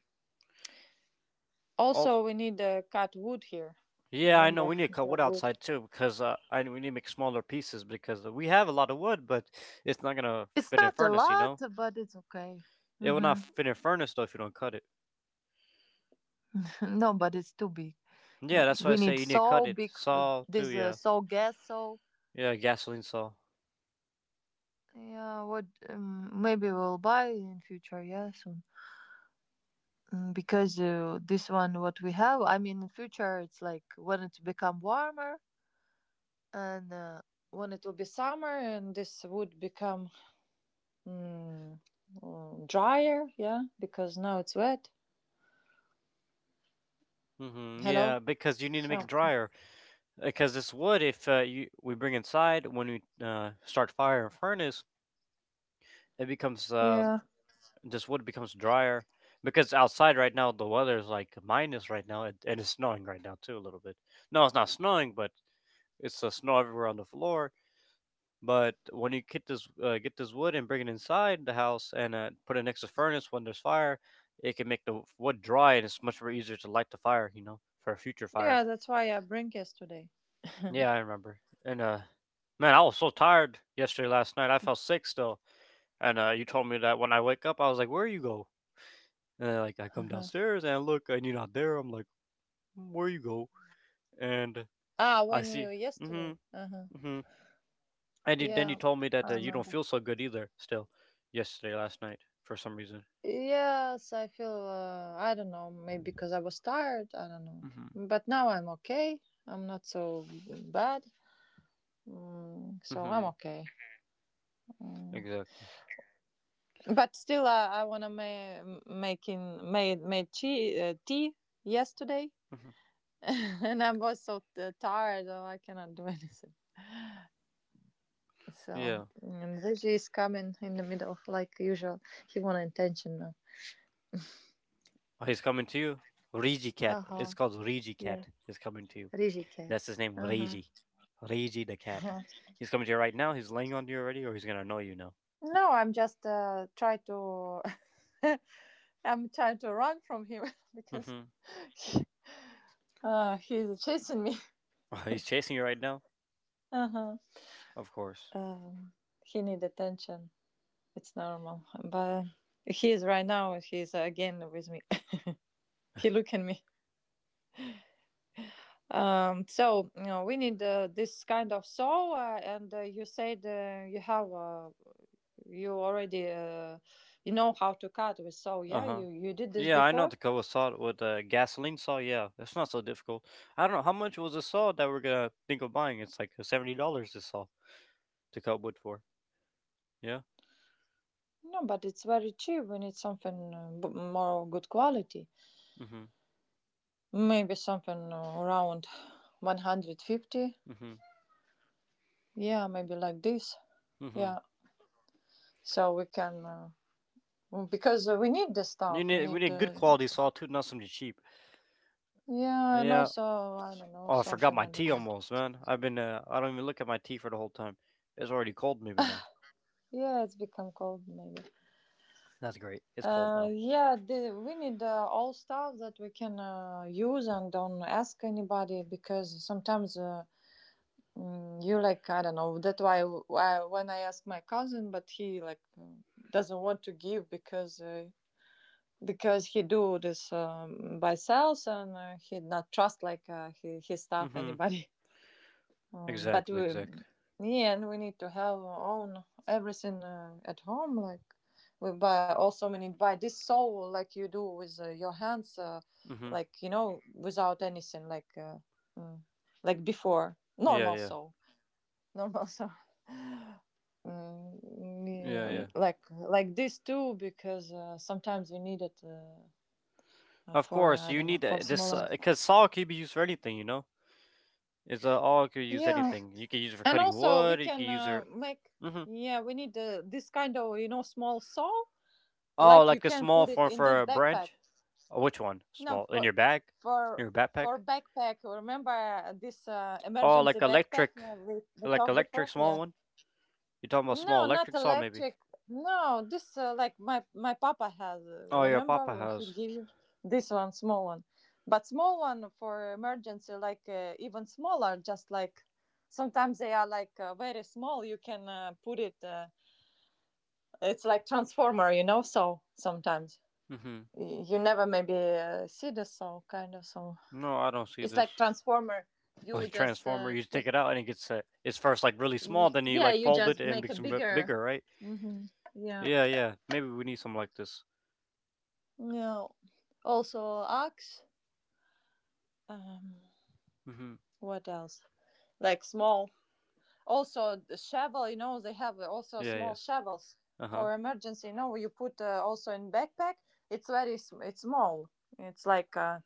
Speaker 1: Also.
Speaker 2: also we need cut wood here.
Speaker 1: Yeah, I know
Speaker 2: Remember,
Speaker 1: we need to
Speaker 2: *laughs*
Speaker 1: cut
Speaker 2: cut
Speaker 1: wood
Speaker 2: wood.
Speaker 1: outside too because, I we need to make smaller pieces because we have a lot of wood, but it's not gonna
Speaker 2: It's
Speaker 1: fit in a
Speaker 2: not a
Speaker 1: furnace, you
Speaker 2: lot,
Speaker 1: know.
Speaker 2: but it's okay.
Speaker 1: It will not
Speaker 2: Hmm.
Speaker 1: fit in furnace though if you don't cut it.
Speaker 2: *laughs* No, but it's too big.
Speaker 1: Yeah, that's why I
Speaker 2: We
Speaker 1: say
Speaker 2: need
Speaker 1: you need to cut
Speaker 2: so
Speaker 1: it.
Speaker 2: big.
Speaker 1: Saw too,
Speaker 2: This,
Speaker 1: yeah.
Speaker 2: so gas so.
Speaker 1: Yeah, gasoline saw.
Speaker 2: Yeah, what? Maybe we'll buy in future. Yeah, soon. Because this one what we have, I mean, in future it's like when it become warmer, and when it will be summer, and this would become mm, drier, yeah, because now it's wet.
Speaker 1: Hmm.
Speaker 2: Hello?
Speaker 1: Yeah, because you need to make
Speaker 2: Oh.
Speaker 1: it drier. Because this wood, if you we bring inside when we start fire in furnace, it becomes
Speaker 2: Yeah,
Speaker 1: this wood becomes drier. Because outside right now the weather is like minus right now, and it's snowing right now too a little bit. No, it's not snowing, but it's snow everywhere on the floor. But when you get this wood and bring it inside the house and put it next to furnace when there's fire, it can make the wood dry and it's much more easier to light the fire, for a future fire.
Speaker 2: yeah, that's why I bring yesterday.
Speaker 1: Yeah, I remember. And man, I was so tired yesterday last night. I felt sick still. And you told me that when I wake up, I was like, "Where you go?" And then, like, I come
Speaker 2: Uh-huh.
Speaker 1: downstairs and I look and you're not there. I'm like, "Mm, "Where you go?" And
Speaker 2: Ah,
Speaker 1: I
Speaker 2: when you
Speaker 1: see. Mm-hmm.
Speaker 2: yesterday. Uh-huh.
Speaker 1: Mm-hmm. And you, then you
Speaker 2: Yeah,
Speaker 1: told me
Speaker 2: I
Speaker 1: that you don't
Speaker 2: remember.
Speaker 1: feel so good either still yesterday last night for some reason.
Speaker 2: Yes, I feel, I don't know, maybe because I was tired, I don't know,
Speaker 1: Mhm.
Speaker 2: but now I'm okay. I'm not so bad. So I'm
Speaker 1: Mhm.
Speaker 2: okay. Mm.
Speaker 1: Exactly.
Speaker 2: But still, I wanna ma- making made made tea, tea yesterday,
Speaker 1: Mhm.
Speaker 2: *laughs* and I was so tired, so I cannot do *laughs* anything. So
Speaker 1: Yeah.
Speaker 2: and Reggie is coming in the middle, like usual. He want attention now.
Speaker 1: Oh, he's coming to you. Reiji cat.
Speaker 2: Uh
Speaker 1: It's
Speaker 2: huh.
Speaker 1: called Reiji
Speaker 2: Yeah.
Speaker 1: cat. He's coming to you.
Speaker 2: Reggie cat.
Speaker 1: That's his name,
Speaker 2: Uh huh.
Speaker 1: Reiji. Reiji the cat.
Speaker 2: Uh-huh.
Speaker 1: He's coming to you right now. He's laying on you already, or he's gonna annoy you now.
Speaker 2: No, I'm just, try to. *laughs* I'm trying to run from him *laughs* because
Speaker 1: Mhm.
Speaker 2: he's chasing me. *laughs*
Speaker 1: Oh, *laughs* he's chasing you right now.
Speaker 2: Uh-huh.
Speaker 1: Of course.
Speaker 2: Um, he need attention. It's normal. But he is right now. He's, again with me. *laughs* He look at me. So you know, we need this kind of soul. And you said you have, you already you know how to cut with saw.
Speaker 1: Uh
Speaker 2: Yeah,
Speaker 1: huh.
Speaker 2: you did this
Speaker 1: Yeah, I know
Speaker 2: before.
Speaker 1: the cover saw it with a gasoline saw. Yeah, it's not so difficult. I don't know how much was the saw that we're gonna think of buying. It's like $70. This saw to cut wood for. Yeah.
Speaker 2: No, but it's very cheap. We need something, more good quality.
Speaker 1: Mhm.
Speaker 2: Maybe something, around 150.
Speaker 1: Mhm.
Speaker 2: Yeah, maybe like this.
Speaker 1: Mhm.
Speaker 2: Yeah, so we can. Well, because we need the
Speaker 1: You
Speaker 2: stuff. We
Speaker 1: need we
Speaker 2: need
Speaker 1: need good
Speaker 2: the.
Speaker 1: quality salt too, not something cheap.
Speaker 2: Yeah, and
Speaker 1: Yeah.
Speaker 2: also I don't know
Speaker 1: Oh, I forgot
Speaker 2: something.
Speaker 1: my
Speaker 2: I don't
Speaker 1: tea
Speaker 2: know.
Speaker 1: almost, man. I've been I don't even look at my tea for the whole time. It's already cold, maybe now.
Speaker 2: Yeah, it's become cold maybe.
Speaker 1: That's great. It's cold now.
Speaker 2: Yeah, the, we need all stuff that we can use and don't ask anybody, because sometimes, you like, I don't know. That's why when I ask my cousin, but he, like, doesn't want to give because. Because he do this, by sales, and he not trust, like, he, his stuff
Speaker 1: Mm-hmm.
Speaker 2: anybody. But
Speaker 1: Exactly.
Speaker 2: we,
Speaker 1: Exactly.
Speaker 2: yeah, and we need to have our own everything at home. Like, we buy, also we need buy this soul like you do with, your hands,
Speaker 1: Mm-hmm.
Speaker 2: like you know, without anything, like, mm, like before,
Speaker 1: Yeah.
Speaker 2: normal
Speaker 1: Yeah.
Speaker 2: soul, *laughs* normal soul. Mm,
Speaker 1: Yeah.
Speaker 2: yeah,
Speaker 1: Yeah.
Speaker 2: like this too because sometimes we need it,
Speaker 1: Of
Speaker 2: for
Speaker 1: course,
Speaker 2: I
Speaker 1: you
Speaker 2: don't know,
Speaker 1: need
Speaker 2: for
Speaker 1: this
Speaker 2: smaller.
Speaker 1: because salt can be used for anything. You know, it's All can use
Speaker 2: Yeah,
Speaker 1: anything. You can use it for
Speaker 2: and
Speaker 1: cutting
Speaker 2: also we
Speaker 1: wood. You can
Speaker 2: can
Speaker 1: use it.
Speaker 2: make.
Speaker 1: Mm-hmm.
Speaker 2: Yeah, we need this kind of, you know, small saw,
Speaker 1: Oh,
Speaker 2: like you
Speaker 1: like a
Speaker 2: can
Speaker 1: small
Speaker 2: put it
Speaker 1: form
Speaker 2: in
Speaker 1: for
Speaker 2: this
Speaker 1: a
Speaker 2: backpack.
Speaker 1: branch. Which one?
Speaker 2: No,
Speaker 1: Small in
Speaker 2: for
Speaker 1: your bag, in
Speaker 2: for
Speaker 1: your backpack.
Speaker 2: for backpack, remember, this
Speaker 1: Oh,
Speaker 2: emergency backpack, we
Speaker 1: like
Speaker 2: talked
Speaker 1: electric
Speaker 2: before.
Speaker 1: small
Speaker 2: Yeah,
Speaker 1: one. You talking about
Speaker 2: no,
Speaker 1: small
Speaker 2: not
Speaker 1: electric saw maybe?
Speaker 2: electric. No, this, like my papa has,
Speaker 1: Oh yeah,
Speaker 2: remember
Speaker 1: Papa
Speaker 2: he
Speaker 1: has.
Speaker 2: give you this one small one. But small one for emergency, like, even smaller. Just like sometimes they are like, very small, you can, put it, it's like transformer, you know. So sometimes
Speaker 1: Mm-hmm.
Speaker 2: you never maybe see the song, kind of song.
Speaker 1: No, I don't see
Speaker 2: It's
Speaker 1: this.
Speaker 2: like
Speaker 1: *laughs*
Speaker 2: transformer. You
Speaker 1: Like
Speaker 2: just
Speaker 1: transformer, you
Speaker 2: take,
Speaker 1: take it out and it gets set. It's first like really small, then you
Speaker 2: yeah,
Speaker 1: like
Speaker 2: you
Speaker 1: fold it
Speaker 2: just
Speaker 1: and
Speaker 2: make a
Speaker 1: makes it
Speaker 2: bigger.
Speaker 1: bigger, right?
Speaker 2: Hmm. Yeah,
Speaker 1: Yeah, yeah. Maybe we need something like this.
Speaker 2: yeah. Also axe. um
Speaker 1: Mm-hmm.
Speaker 2: what else? Like small. Also the shovel, you know they have also
Speaker 1: Yeah, yeah.
Speaker 2: small shovels
Speaker 1: Uh huh.
Speaker 2: for emergency, you know, you put also in backpack. It's very it's small. It's like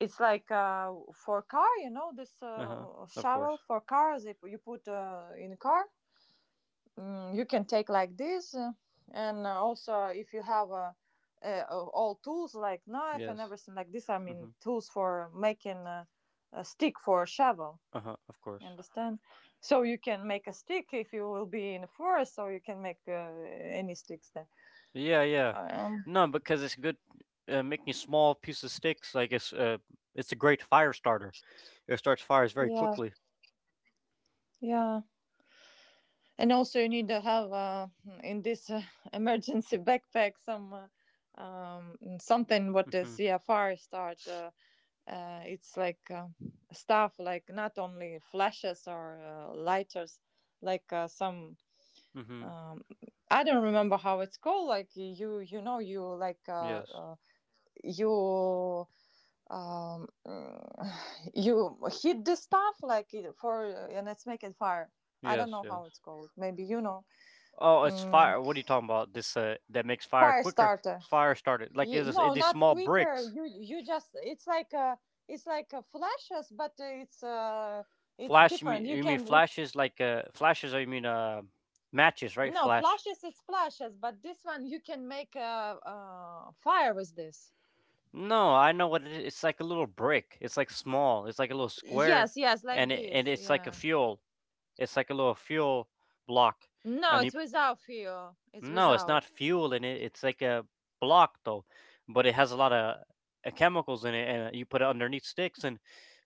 Speaker 2: it's like, for car, you know, this,
Speaker 1: Uh huh. Of
Speaker 2: shovel
Speaker 1: course.
Speaker 2: for cars. If you put in car, you can take like this, and Also if you have all tools like knife and
Speaker 1: Yes.
Speaker 2: everything like this. I
Speaker 1: Mm-hmm.
Speaker 2: mean, tools for making a stick for a shovel.
Speaker 1: Uh huh. Of course.
Speaker 2: You understand? So you can make a stick if you will be in a forest. So you can make any sticks there.
Speaker 1: Yeah, yeah.
Speaker 2: Um,
Speaker 1: No, because it's good. Making small pieces of sticks, like it's a great fire starter. It starts fires very
Speaker 2: yeah,
Speaker 1: quickly.
Speaker 2: yeah. And also, you need to have in this *laughs* emergency backpack some something what the
Speaker 1: Mhm.
Speaker 2: CFR start. It's like stuff like not only flashes or lighters, like some.
Speaker 1: Mhm.
Speaker 2: Um, I don't remember how it's called. Like you know, you like
Speaker 1: Yes.
Speaker 2: you um, *sighs* you hit the stuff like for and it's making fire. I don't
Speaker 1: Yes.
Speaker 2: know
Speaker 1: Yes.
Speaker 2: how it's called. Maybe you know.
Speaker 1: Oh, it's
Speaker 2: Mm,
Speaker 1: fire. What are you talking about? This That makes fire
Speaker 2: fire
Speaker 1: quicker.
Speaker 2: starter.
Speaker 1: Fire started like is
Speaker 2: No,
Speaker 1: it these
Speaker 2: not
Speaker 1: small
Speaker 2: quicker,
Speaker 1: bricks?
Speaker 2: you just it's like flashes but it's
Speaker 1: Flash? You
Speaker 2: different,
Speaker 1: mean,
Speaker 2: you
Speaker 1: you mean
Speaker 2: can.
Speaker 1: flashes? Like flashes? Or you mean matches? Right?
Speaker 2: No,
Speaker 1: Flash.
Speaker 2: flashes is flashes, but this one you can make a fire with this.
Speaker 1: No, I know what it is. It's like a little brick. It's like small. It's like a little square,
Speaker 2: Yes, yes, like
Speaker 1: and it, and
Speaker 2: this,
Speaker 1: it's like a
Speaker 2: yeah.
Speaker 1: fuel. It's like a little fuel block,
Speaker 2: No,
Speaker 1: and you
Speaker 2: it's without fuel, it's
Speaker 1: No, it's not
Speaker 2: without.
Speaker 1: fuel in it. It's like a block though, but it has a lot of chemicals in it, and you put it underneath sticks and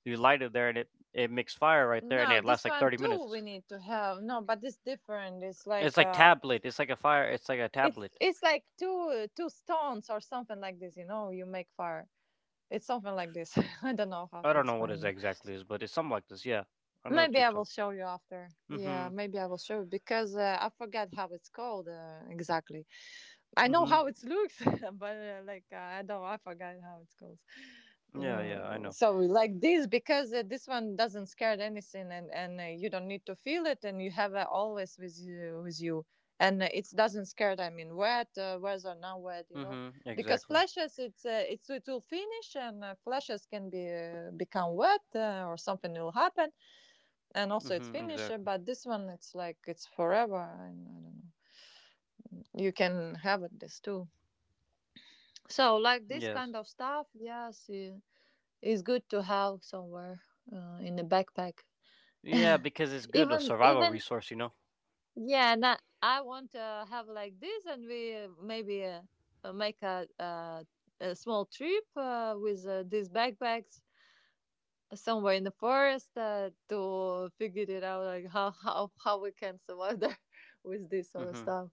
Speaker 1: you light it there, and it makes fire right there, and
Speaker 2: No,
Speaker 1: it lasts
Speaker 2: this
Speaker 1: like
Speaker 2: one
Speaker 1: thirty
Speaker 2: too
Speaker 1: minutes.
Speaker 2: we need to have. No, but it's different, it's
Speaker 1: It's
Speaker 2: like
Speaker 1: like tablet. It's like a fire. It's like a
Speaker 2: it's
Speaker 1: tablet.
Speaker 2: like two stones or something like this, you know, you make fire. It's something like this. *laughs* I don't know how
Speaker 1: I
Speaker 2: to
Speaker 1: don't know what
Speaker 2: explain
Speaker 1: it
Speaker 2: you.
Speaker 1: exactly is, but it's something like this. Yeah, I know what
Speaker 2: Maybe
Speaker 1: you're
Speaker 2: I
Speaker 1: talking.
Speaker 2: will show you after. Yeah,
Speaker 1: Mm-hmm.
Speaker 2: maybe I will show you because I forget how it's called exactly. I know
Speaker 1: Mm-hmm.
Speaker 2: how it looks, *laughs* but I don't, I forgot how it's called.
Speaker 1: Yeah, yeah, I
Speaker 2: Mm,
Speaker 1: know.
Speaker 2: so like this because this one doesn't scare anything, and you don't need to feel it and you have always with you with you. And it doesn't scare, I mean wet, whether not wet, you know,
Speaker 1: Mm-hmm.
Speaker 2: because
Speaker 1: Exactly.
Speaker 2: flashes it's it will finish, and flashes can be become wet or something will happen, and also it's
Speaker 1: Mm-hmm.
Speaker 2: finished,
Speaker 1: Exactly.
Speaker 2: but this one it's like it's forever, and I don't know, you can have it this too. So like this
Speaker 1: Yes.
Speaker 2: kind of stuff, yes, yeah. It's good to have somewhere in the backpack.
Speaker 1: Yeah, because it's
Speaker 2: *laughs*
Speaker 1: good a
Speaker 2: even
Speaker 1: survival
Speaker 2: even
Speaker 1: resource, you know.
Speaker 2: yeah, not, I want to have like this, and we maybe make a a small trip with these backpacks somewhere in the forest to figure it out, like how we can survive there *laughs* with this sort of
Speaker 1: Mm-hmm.
Speaker 2: stuff.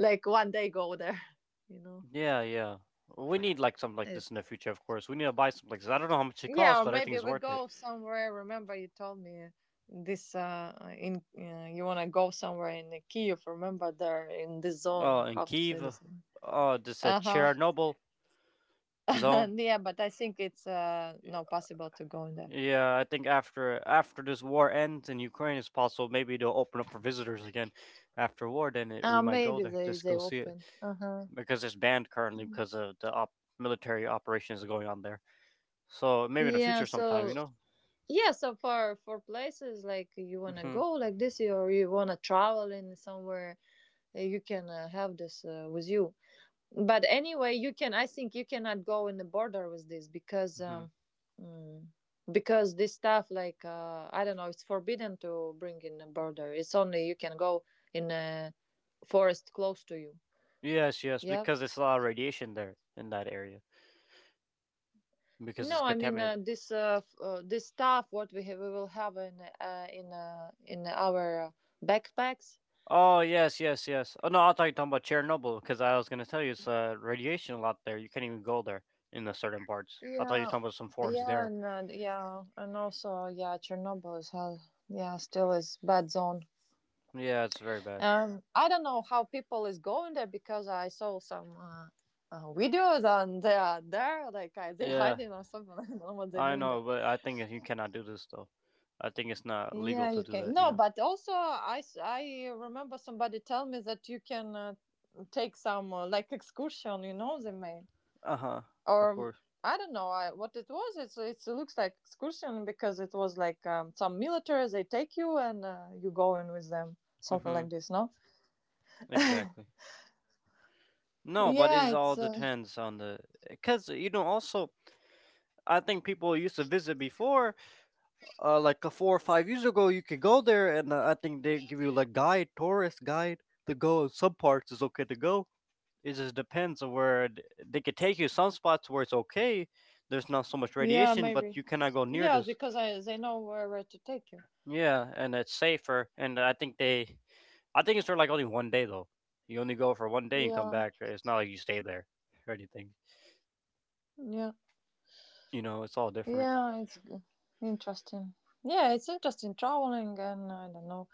Speaker 2: Like one day go there, *laughs* you know.
Speaker 1: Yeah, yeah. We need like something like this in the future, of course. We need to buy something like this. I don't know how much it costs,
Speaker 2: Yeah, or
Speaker 1: but I think
Speaker 2: maybe
Speaker 1: it's
Speaker 2: we
Speaker 1: worth it.
Speaker 2: go somewhere. Remember, you told me this. In You wanna go somewhere in Kiev. Remember, there in this zone.
Speaker 1: In
Speaker 2: How to say
Speaker 1: Kiev,
Speaker 2: this?
Speaker 1: this
Speaker 2: Uh huh.
Speaker 1: Chernobyl zone.
Speaker 2: *laughs* Yeah, but I think it's not possible to go in there.
Speaker 1: Yeah, I think after after this war ends in Ukraine, it's possible maybe they'll open up for visitors again after war. Then it, we
Speaker 2: Uh,
Speaker 1: might go
Speaker 2: maybe
Speaker 1: there just
Speaker 2: they
Speaker 1: go see it
Speaker 2: open. Uh huh.
Speaker 1: because it's banned currently because of the military operations going on there. So maybe in the
Speaker 2: Yeah.
Speaker 1: future sometime,
Speaker 2: So
Speaker 1: you know.
Speaker 2: yeah. So for places like you wanna
Speaker 1: Hmm.
Speaker 2: go like this, or you wanna travel in somewhere, you can have this with you. But anyway, you can, I think you cannot go in the border with this because
Speaker 1: Hmm.
Speaker 2: mm, because this stuff like I don't know, it's forbidden to bring in a border, it's only you can go in a forest close to you.
Speaker 1: Yes, yes,
Speaker 2: Yeah,
Speaker 1: because it's a lot of radiation there in that area. Because
Speaker 2: no,
Speaker 1: it's
Speaker 2: I mean
Speaker 1: contaminated.
Speaker 2: this this stuff what we have we will have in our backpacks.
Speaker 1: Oh yes, yes, yes. Oh no, I thought you were talking about Chernobyl because I was gonna tell you it's radiation a lot there. You can't even go there in the certain parts. I thought you were
Speaker 2: Yeah,
Speaker 1: talking about some forest
Speaker 2: yeah,
Speaker 1: there.
Speaker 2: and yeah, and also yeah, Chernobyl is hell, yeah, still is bad zone.
Speaker 1: Yeah, it's very bad.
Speaker 2: I don't know how people is going there because I saw some videos, and they are there, like they
Speaker 1: Yeah,
Speaker 2: hiding or something. *laughs* I don't know what they're
Speaker 1: I
Speaker 2: doing
Speaker 1: know,
Speaker 2: there.
Speaker 1: but I think you cannot do this though. I think it's not legal
Speaker 2: Yeah,
Speaker 1: to
Speaker 2: you
Speaker 1: do that.
Speaker 2: can.
Speaker 1: You
Speaker 2: No,
Speaker 1: know.
Speaker 2: but also I remember somebody tell me that you can take some like excursion, you know, they made,
Speaker 1: Uh huh.
Speaker 2: or
Speaker 1: Of course.
Speaker 2: I don't know what it was. It looks like excursion because it was like some military. They take you and you go in with them, something
Speaker 1: Mhm.
Speaker 2: like this. No.
Speaker 1: Exactly. No, but
Speaker 2: Yeah,
Speaker 1: it all
Speaker 2: it's.
Speaker 1: depends on the because you know also I think people used to visit before like a 4 or 5 years ago you could go there and I think they give you like guide tourist guide to go and some parts is okay to go. It just depends on where they could take you some spots where it's okay. There's not so much
Speaker 2: Yeah,
Speaker 1: radiation but
Speaker 2: maybe.
Speaker 1: you cannot go near
Speaker 2: Yeah,
Speaker 1: this.
Speaker 2: because I, they know where to take you.
Speaker 1: Yeah, and it's safer and I think they I think it's for like only one day though. You only go for one day and come
Speaker 2: Yeah,
Speaker 1: back. It's not like you stay there or anything,
Speaker 2: yeah,
Speaker 1: you know. It's all different.
Speaker 2: yeah. Interesting. Yeah, it's interesting traveling, and I don't know,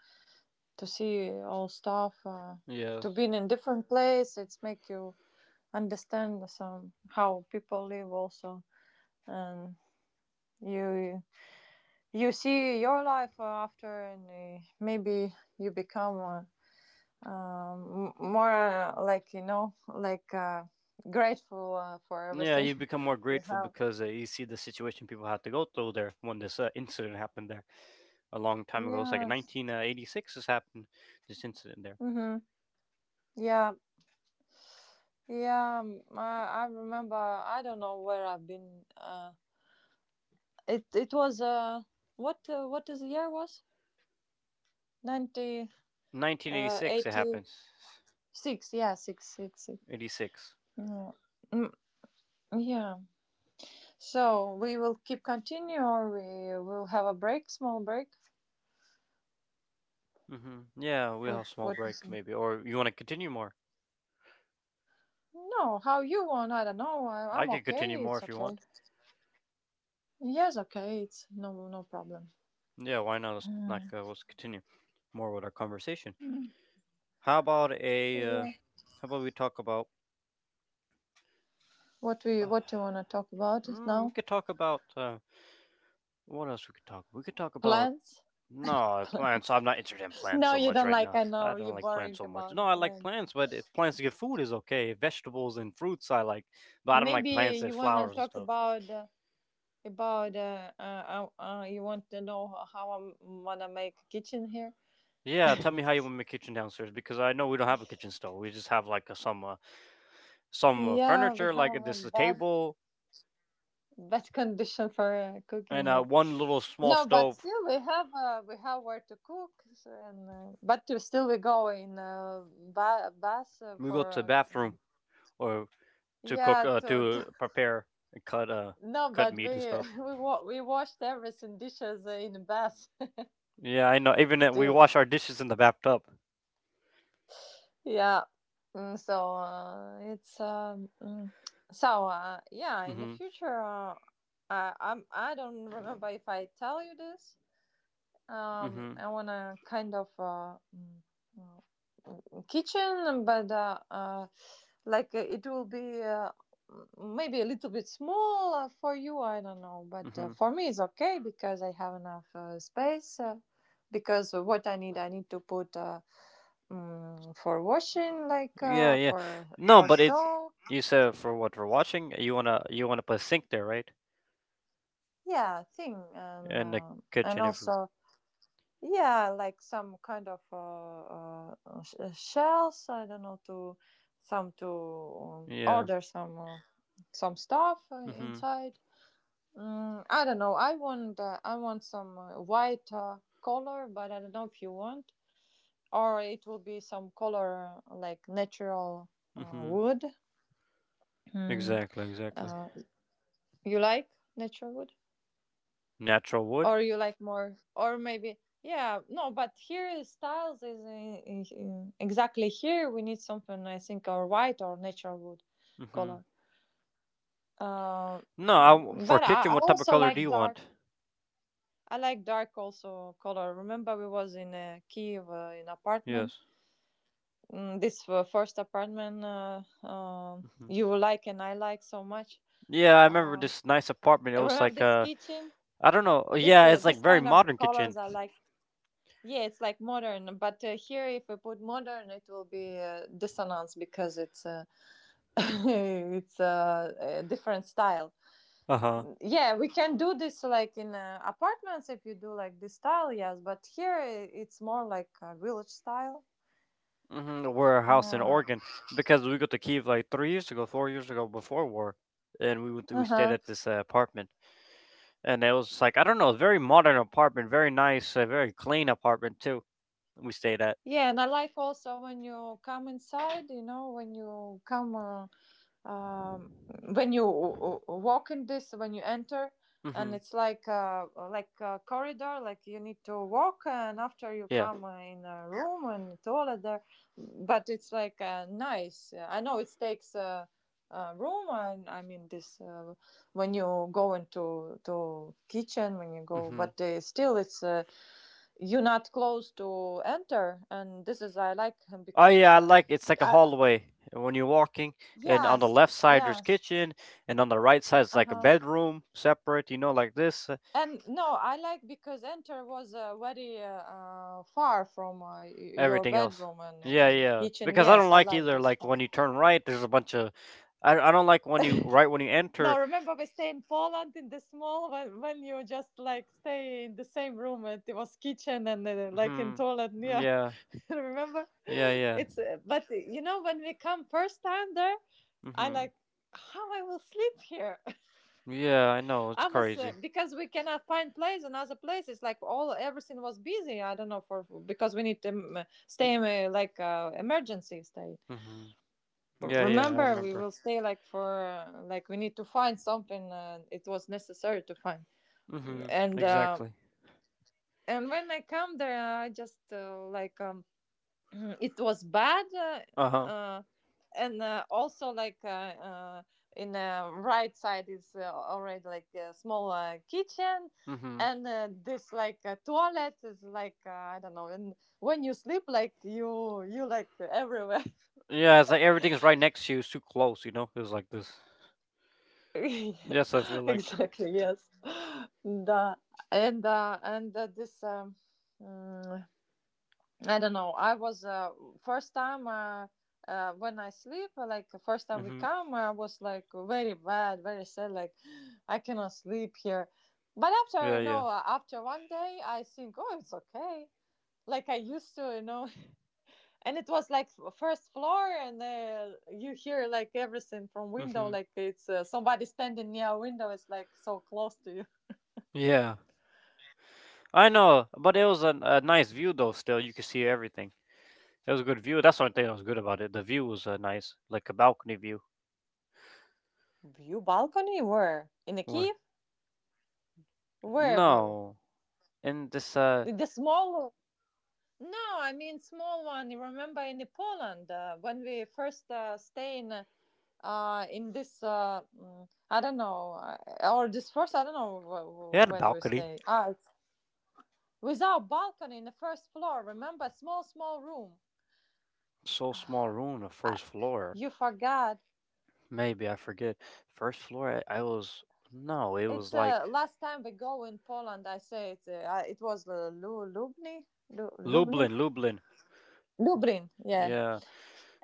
Speaker 2: to see all stuff.
Speaker 1: Yes.
Speaker 2: To be in different place, it's make you understand some how people live also, and you you see your life after, and maybe you become. More like, you know, like grateful for
Speaker 1: Yeah,
Speaker 2: everything
Speaker 1: you
Speaker 2: *laughs*
Speaker 1: become more
Speaker 2: you
Speaker 1: grateful
Speaker 2: have.
Speaker 1: because you see the situation people had to go through there when this incident happened there a long time ago. It's like
Speaker 2: Yes.
Speaker 1: 1986 has happened, this incident there.
Speaker 2: Mm-hmm. Yeah. Yeah. I remember, I don't know where I've been, it it was what, what is the year was 90, uh,
Speaker 1: 1986 it happens.
Speaker 2: 86. Yeah, six, six, six.
Speaker 1: 86.
Speaker 2: Yeah. Mm, yeah, so we will keep continue, or we will have a break small break?
Speaker 1: Hmm. Yeah, we'll have
Speaker 2: what
Speaker 1: a small
Speaker 2: what is
Speaker 1: break
Speaker 2: it?
Speaker 1: maybe. Or you want to continue more?
Speaker 2: No, how you want? I don't know.
Speaker 1: I
Speaker 2: I'm
Speaker 1: can continue
Speaker 2: okay.
Speaker 1: more
Speaker 2: It's
Speaker 1: if you
Speaker 2: okay.
Speaker 1: want.
Speaker 2: Yes, okay. It's no, no problem.
Speaker 1: Yeah, why not? Let's, not,
Speaker 2: Mm.
Speaker 1: let's continue more with our conversation. How about a...
Speaker 2: Yeah.
Speaker 1: how about we talk about...
Speaker 2: What we,
Speaker 1: Uh,
Speaker 2: what you wanna talk about
Speaker 1: mm, we
Speaker 2: now?
Speaker 1: could talk about... what else we could talk? We could talk about
Speaker 2: Plants. *laughs*
Speaker 1: No, plants.
Speaker 2: Plants.
Speaker 1: I'm not interested in plants
Speaker 2: No,
Speaker 1: so
Speaker 2: you
Speaker 1: much
Speaker 2: don't
Speaker 1: right
Speaker 2: like.
Speaker 1: now.
Speaker 2: I
Speaker 1: I
Speaker 2: know
Speaker 1: don't
Speaker 2: you're
Speaker 1: like plants
Speaker 2: boring
Speaker 1: so much.
Speaker 2: about
Speaker 1: No,
Speaker 2: the
Speaker 1: I like
Speaker 2: plants.
Speaker 1: plants, but if plants to get food is okay. Vegetables and fruits I like, but I don't like
Speaker 2: Maybe
Speaker 1: plants and
Speaker 2: you wanna
Speaker 1: flowers and
Speaker 2: talk
Speaker 1: stuff.
Speaker 2: about you want to know how I'm wanna make a kitchen here.
Speaker 1: Yeah, tell me how you want my kitchen downstairs because I know we don't have a kitchen stove. We just have like some
Speaker 2: Yeah, we
Speaker 1: furniture, like
Speaker 2: have a
Speaker 1: this a
Speaker 2: bad
Speaker 1: table
Speaker 2: bad *laughs* condition for cooking.
Speaker 1: and
Speaker 2: Yeah.
Speaker 1: one little small
Speaker 2: No, but
Speaker 1: stove.
Speaker 2: still we have where to cook, so, and but to still we go in bus
Speaker 1: We go to the
Speaker 2: for uh, um,
Speaker 1: bathroom or to cook
Speaker 2: yeah to, to.
Speaker 1: to prepare and cut
Speaker 2: *laughs*
Speaker 1: uh
Speaker 2: No,
Speaker 1: cut
Speaker 2: but
Speaker 1: meat and
Speaker 2: we
Speaker 1: stuff.
Speaker 2: *laughs* we washed everything dishes in a bath.
Speaker 1: Yeah, I know.
Speaker 2: *laughs*
Speaker 1: Even that we
Speaker 2: Still,
Speaker 1: wash our dishes in the bathtub.
Speaker 2: yeah. Mm, so uh, it's um, mm, so yeah, in the
Speaker 1: Mhm.
Speaker 2: future I don't remember if I tell you this. Um,
Speaker 1: Mhm.
Speaker 2: I wanna kind of kitchen, but like it will be maybe a little bit small for you. I don't know, but
Speaker 1: Mhm.
Speaker 2: for me it's okay because I have enough space. Because what I need to put for washing, like
Speaker 1: Yeah, yeah.
Speaker 2: for
Speaker 1: No, but it's
Speaker 2: stove,
Speaker 1: you said for what we're watching. You wanna put a sink there, right?
Speaker 2: yeah, thing,
Speaker 1: In the
Speaker 2: and
Speaker 1: kitchen, if you-
Speaker 2: also, yeah, like some kind of shells. I don't know to some to
Speaker 1: yeah.
Speaker 2: order some stuff
Speaker 1: Mhm.
Speaker 2: inside. Mm, I don't know. I want some white color, but I don't know if you want, or it will be some color like natural
Speaker 1: Mhm.
Speaker 2: wood. Mm.
Speaker 1: Exactly. Exactly.
Speaker 2: Uh, you like natural wood?
Speaker 1: Natural wood.
Speaker 2: Or you like more, or maybe, yeah, no, but here styles is exactly, here we need something I think, or white or natural wood
Speaker 1: Mhm.
Speaker 2: color. Uh,
Speaker 1: No, I w
Speaker 2: mm,
Speaker 1: for
Speaker 2: but
Speaker 1: kitchen.
Speaker 2: I
Speaker 1: What type of
Speaker 2: also
Speaker 1: color do
Speaker 2: like
Speaker 1: you
Speaker 2: dark,
Speaker 1: want?
Speaker 2: I like dark also color. Remember we was in Kiev in apartment.
Speaker 1: Yes.
Speaker 2: Mm, this first apartment,
Speaker 1: Mhm.
Speaker 2: you like, and I like so much.
Speaker 1: Yeah, I remember
Speaker 2: Um,
Speaker 1: this nice apartment. It was
Speaker 2: remember
Speaker 1: like
Speaker 2: this kitchen,
Speaker 1: I don't know.
Speaker 2: this
Speaker 1: Yeah, it's
Speaker 2: this
Speaker 1: like very
Speaker 2: kind of
Speaker 1: modern
Speaker 2: colors
Speaker 1: kitchen.
Speaker 2: I like. Yeah, it's like modern, but here if we put modern it will be dissonance because it's *laughs* it's a different style.
Speaker 1: Uh huh.
Speaker 2: Yeah, we can do this like in apartments, if you do like this style, yes, but here it's more like a village style.
Speaker 1: Mm-hmm. Warehouse in
Speaker 2: Uh
Speaker 1: Oregon because we got to Kiev like 3 years ago, 4 years ago before war, and we stayed
Speaker 2: huh.
Speaker 1: at this apartment. And it was like I don't know, very modern apartment, very nice, very clean apartment too. We stayed at.
Speaker 2: Yeah, and I like also when you come inside, you know, when you come um, when you walk in this, when you enter, and
Speaker 1: Mhm.
Speaker 2: it's like like a corridor, like you need to walk and after you
Speaker 1: Yeah.
Speaker 2: come in a room, and toilet there, but it's like nice. I know it takes a room, and I mean this when you go into to kitchen, when you go,
Speaker 1: Mhm.
Speaker 2: but still it's you're not close to enter, and this is I like him
Speaker 1: Oh
Speaker 2: because
Speaker 1: yeah, I like it's like a
Speaker 2: I,
Speaker 1: hallway when you're walking, and on the
Speaker 2: yes,
Speaker 1: left side there's
Speaker 2: yes.
Speaker 1: kitchen, and on the right side is like a
Speaker 2: Uh-huh.
Speaker 1: bedroom separate, you know, like this. Uh,
Speaker 2: And no, I like because enter was very far from your
Speaker 1: Everything else.
Speaker 2: bedroom
Speaker 1: Yeah,
Speaker 2: and
Speaker 1: yeah.
Speaker 2: kitchen.
Speaker 1: Because I don't
Speaker 2: Yes, I
Speaker 1: like
Speaker 2: like
Speaker 1: either.
Speaker 2: this
Speaker 1: Like
Speaker 2: one.
Speaker 1: when you turn right, there's a bunch of. I don't like when you right when you
Speaker 2: No,
Speaker 1: enter.
Speaker 2: remember we stay in Poland in the small when you just like stay in the same room and it was kitchen and like in
Speaker 1: Hmm.
Speaker 2: toilet. Yeah,
Speaker 1: Yeah.
Speaker 2: *laughs* remember?
Speaker 1: Yeah. Yeah.
Speaker 2: It's but you know when we come first time there, I
Speaker 1: Mhm.
Speaker 2: like how I will sleep here.
Speaker 1: Yeah, I know it's
Speaker 2: I was
Speaker 1: crazy.
Speaker 2: because we cannot find place in other places. Like all everything was busy. I don't know for because we need to stay in emergency stay.
Speaker 1: Mhm. Yeah, yeah, I
Speaker 2: Remember, we
Speaker 1: remember.
Speaker 2: will stay like for like we need to find something. It was necessary to find
Speaker 1: Hmm.
Speaker 2: and.
Speaker 1: Exactly.
Speaker 2: And when I come there, I just *laughs* mhm, it was bad
Speaker 1: Uh huh.
Speaker 2: uh, and also like uh, in the right side is already like a small kitchen,
Speaker 1: Hmm.
Speaker 2: and this like toilet is like I don't know, and when you sleep like you like everywhere. *laughs*
Speaker 1: Yeah, it's like everything's right next to you. It's too close, you know. It's like this.
Speaker 2: Yeah,
Speaker 1: Yes, I feel like.
Speaker 2: exactly, yes. *laughs* Да. and uh, and uh, this um, mm, I don't know. I was first time, when I sleep, like first time we
Speaker 1: Hmm.
Speaker 2: come, I was like very bad, very sad. Like *gasps* I cannot sleep here. But after
Speaker 1: Yeah,
Speaker 2: you
Speaker 1: yeah.
Speaker 2: know, after 1 day, I think, oh, it's okay. Like I used to, you know. *laughs* And it was like first floor, and you hear like everything from window.
Speaker 1: Hmm.
Speaker 2: Like it's somebody standing near a window. It's like so close to you.
Speaker 1: Yeah, I know, but it was a nice view though. Still, you could see everything. It was a good view. That's one thing that was good about it. The view was nice, like a balcony view.
Speaker 2: *laughs* View balcony? Where in the
Speaker 1: Where?
Speaker 2: Kiev? Where view?
Speaker 1: No, in this
Speaker 2: The small. No, I mean small one. You remember in Poland when we first stay in this I don't know, or this first I don't know
Speaker 1: it had a
Speaker 2: when we
Speaker 1: balcony.
Speaker 2: stay. Ah, it's with our balcony in the first floor. Remember, small small room.
Speaker 1: So small room, the
Speaker 2: I,
Speaker 1: first floor.
Speaker 2: you forgot.
Speaker 1: Maybe I forget. First floor, I was no. It
Speaker 2: It's
Speaker 1: was like
Speaker 2: last time we go in Poland. I say it. It was Lubni,
Speaker 1: Lublin, Lublin.
Speaker 2: Lublin. Yeah,
Speaker 1: Yeah.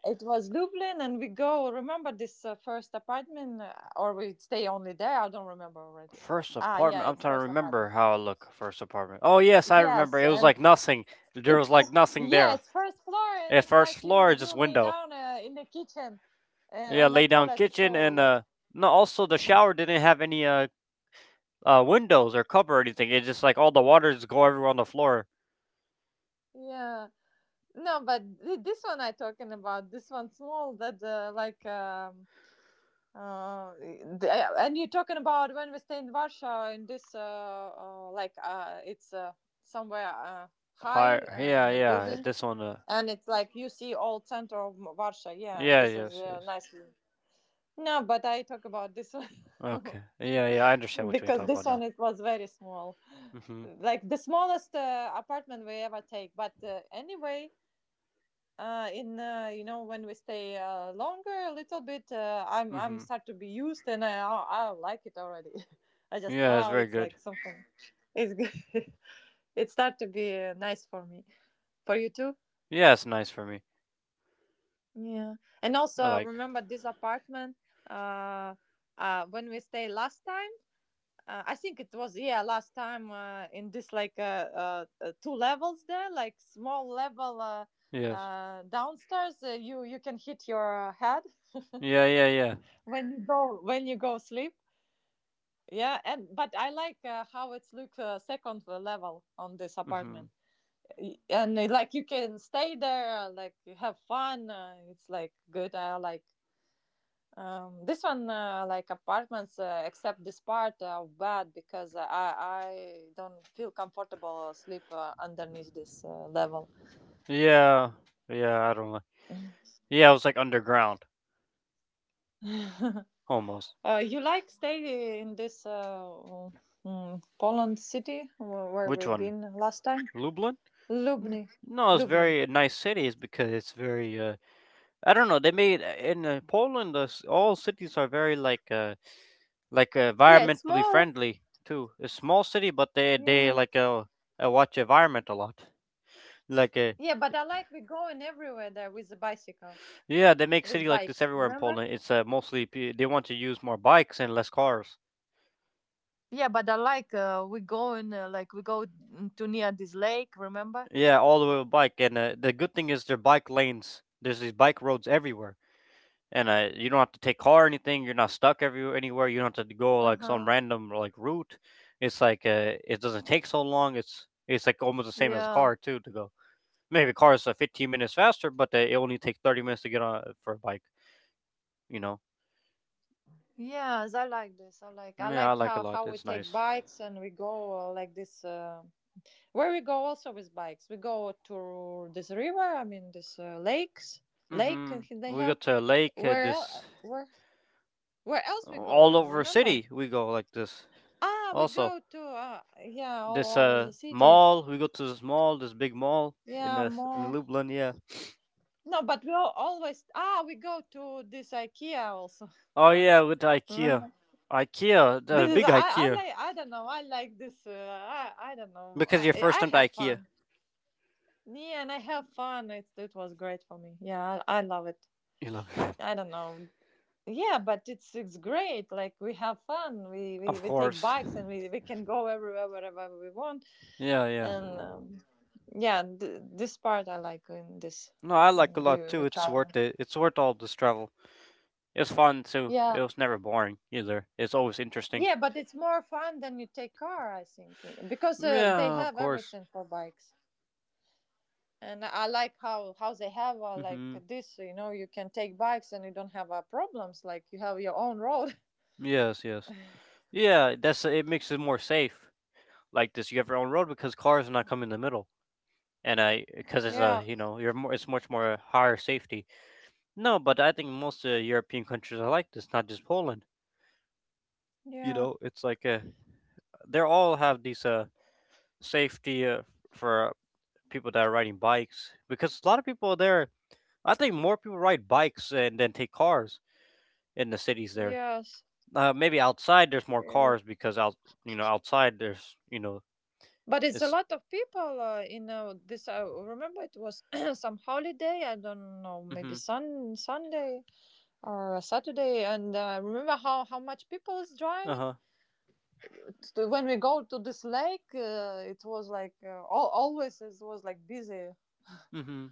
Speaker 2: it was Lublin, and we go. Remember this first apartment, or we stay only there? I don't remember already.
Speaker 1: First
Speaker 2: Ah, yeah,
Speaker 1: apartment. I'm
Speaker 2: it's
Speaker 1: trying to
Speaker 2: first
Speaker 1: remember
Speaker 2: apartment.
Speaker 1: how I look. First apartment. Oh yes, I remember.
Speaker 2: Yes,
Speaker 1: It was
Speaker 2: and
Speaker 1: like nothing. There was
Speaker 2: it's
Speaker 1: like nothing
Speaker 2: yeah,
Speaker 1: there.
Speaker 2: it's first floor, and
Speaker 1: At
Speaker 2: it's
Speaker 1: first
Speaker 2: like you
Speaker 1: floor,
Speaker 2: you
Speaker 1: just
Speaker 2: lay
Speaker 1: window.
Speaker 2: down in the kitchen,
Speaker 1: Yeah,
Speaker 2: and the
Speaker 1: lay down
Speaker 2: toilet is
Speaker 1: kitchen
Speaker 2: so
Speaker 1: and
Speaker 2: like
Speaker 1: no. Also, the shower didn't have any windows or cover or anything. It just like all the water just go everywhere on the floor.
Speaker 2: yeah. No, but this one I talking about this one small that uh, the- and you're talking about when we stay in Warsaw in this like it's somewhere
Speaker 1: Hi.
Speaker 2: high
Speaker 1: Yeah,
Speaker 2: in a
Speaker 1: yeah.
Speaker 2: building
Speaker 1: This one.
Speaker 2: and it's like you see all center of Warsaw, yeah, and
Speaker 1: Yeah.
Speaker 2: this is
Speaker 1: Yes. Yes.
Speaker 2: nice view. No, but I talk about this one
Speaker 1: Okay. Yeah. Yeah. I understand
Speaker 2: *laughs*
Speaker 1: what you're
Speaker 2: because
Speaker 1: talking about
Speaker 2: this
Speaker 1: now.
Speaker 2: one it was very small,
Speaker 1: Mhm.
Speaker 2: like the smallest apartment we ever take, but anyway, in you know, when we stay longer a little bit, I'm
Speaker 1: Mhm.
Speaker 2: start to be used and I like it already. *laughs* I just
Speaker 1: Yeah, it's
Speaker 2: wow,
Speaker 1: very
Speaker 2: it's
Speaker 1: good.
Speaker 2: like something, it's good. *laughs* It start to be nice for me, for you too.
Speaker 1: Yeah, it's nice for me.
Speaker 2: Yeah, and
Speaker 1: I
Speaker 2: also
Speaker 1: like.
Speaker 2: remember this apartment, uh when we stay last time. I think it was yeah last time in this like two levels there, like small level uh
Speaker 1: Yes.
Speaker 2: uh downstairs, you can hit your head
Speaker 1: Yeah, yeah, yeah.
Speaker 2: when you go sleep. Yeah, and but I like how it's look, second level on this
Speaker 1: Mhm.
Speaker 2: apartment. And like you can stay there, like you have fun, it's like good, I like this one, like apartments, except this part of bed, because I don't feel comfortable sleep underneath this level.
Speaker 1: Yeah, yeah. I don't know.
Speaker 2: *laughs*
Speaker 1: Yeah, it was like underground
Speaker 2: uh,
Speaker 1: almost.
Speaker 2: you like stay in this Poland city where
Speaker 1: Which
Speaker 2: we've
Speaker 1: one?
Speaker 2: been last time.
Speaker 1: Lublin? N-
Speaker 2: Lublin.
Speaker 1: No, it's
Speaker 2: Lublin.
Speaker 1: very nice cities because it's very. I don't know. They made in Poland. All cities are very like
Speaker 2: Yeah, it's
Speaker 1: environmentally
Speaker 2: more.
Speaker 1: friendly too. It's small city, but they
Speaker 2: Yeah.
Speaker 1: like watch environment a lot. Like
Speaker 2: Yeah, but I like we going everywhere there with the bicycle,
Speaker 1: yeah, they make
Speaker 2: with
Speaker 1: city like this
Speaker 2: bikes.
Speaker 1: everywhere in
Speaker 2: Remember?
Speaker 1: Poland. It's mostly they want to use more bikes and less cars.
Speaker 2: Yeah, but I like we going like we go to near this lake. Remember?
Speaker 1: Yeah, all the way with bike. And the good thing is there are bike lanes. There's these bike roads everywhere, and you don't have to take car or anything. You're not stuck everywhere anywhere. You don't have to go
Speaker 2: Uh
Speaker 1: like some
Speaker 2: huh.
Speaker 1: random like route. It's like it doesn't take so long. It's like almost the same as a
Speaker 2: Yeah.
Speaker 1: car too to go. Maybe a car is 15 minutes faster, but it only takes 30 minutes to get on for a bike. You know.
Speaker 2: Yes, I like this. I
Speaker 1: Yeah, I
Speaker 2: like
Speaker 1: like a
Speaker 2: how
Speaker 1: lot.
Speaker 2: we
Speaker 1: It's
Speaker 2: take
Speaker 1: nice.
Speaker 2: bikes and we go like this, where we go also with bikes, we go to this river. I mean, this lakes lake
Speaker 1: Mm-hmm.
Speaker 2: they
Speaker 1: We go
Speaker 2: have.
Speaker 1: to a lake. Uh,
Speaker 2: Where
Speaker 1: this
Speaker 2: where else we
Speaker 1: all
Speaker 2: going?
Speaker 1: over
Speaker 2: Remember?
Speaker 1: city. We go like this
Speaker 2: Ah, we
Speaker 1: also.
Speaker 2: go to yeah,
Speaker 1: This
Speaker 2: all over the city.
Speaker 1: mall. We go to this mall, this big mall in
Speaker 2: Yeah,
Speaker 1: uh, in
Speaker 2: more.
Speaker 1: Lublin. Yeah.
Speaker 2: No, but we all always ah, we go to this IKEA also *laughs*
Speaker 1: Oh yeah,
Speaker 2: once.
Speaker 1: with IKEA.
Speaker 2: Remember?
Speaker 1: IKEA, the
Speaker 2: This is
Speaker 1: big
Speaker 2: I
Speaker 1: IKEA.
Speaker 2: like I don't know, I like this, I don't know,
Speaker 1: Because your first
Speaker 2: I
Speaker 1: time to
Speaker 2: have
Speaker 1: IKEA.
Speaker 2: fun. Yeah, and I have fun. It was great for me. Yeah, I love it.
Speaker 1: You love *laughs* it.
Speaker 2: I don't know. Yeah, but it's great. Like we have fun.
Speaker 1: Of
Speaker 2: We take
Speaker 1: course.
Speaker 2: bikes and we can go everywhere wherever we want,
Speaker 1: Yeah, yeah.
Speaker 2: and yeah, this part I like in this.
Speaker 1: No, I like a
Speaker 2: Mm,
Speaker 1: lot
Speaker 2: We
Speaker 1: too.
Speaker 2: we
Speaker 1: It's
Speaker 2: travel.
Speaker 1: worth it. It's worth all this travel. It's fun too.
Speaker 2: Yeah,
Speaker 1: It was never boring either. It's always interesting.
Speaker 2: yeah, but it's more fun than you take car, I think, eh, because they
Speaker 1: Yeah, of
Speaker 2: have
Speaker 1: course.
Speaker 2: everything for bikes, and I like how they have like
Speaker 1: Mhm.
Speaker 2: this. You know, you can take bikes and you don't have problems. Like you have your own road.
Speaker 1: Yes, yes. Yeah, that's it makes it more safe. Like this, you have your own road because cars are not coming in the middle. And I because it's a
Speaker 2: *laughs* Yeah,
Speaker 1: you're more it's much more higher safety. No, but I think most European countries are like this, not just Poland. You
Speaker 2: yeah,
Speaker 1: know, it's like they all have these safety for people that are riding bikes because a lot of people there. I think more people ride bikes and then take cars in the cities there.
Speaker 2: yes.
Speaker 1: Maybe outside there's more
Speaker 2: Yeah.
Speaker 1: cars because out outside there's
Speaker 2: But it's a
Speaker 1: it's
Speaker 2: lot of people in this. I remember it was *clears throat* some holiday. I don't know, maybe
Speaker 1: mm-hmm,
Speaker 2: Sunday or a Saturday, and remember how much people is driving.
Speaker 1: uh-huh
Speaker 2: So when we go to this lake, it was like always it was like busy,
Speaker 1: mm-hmm.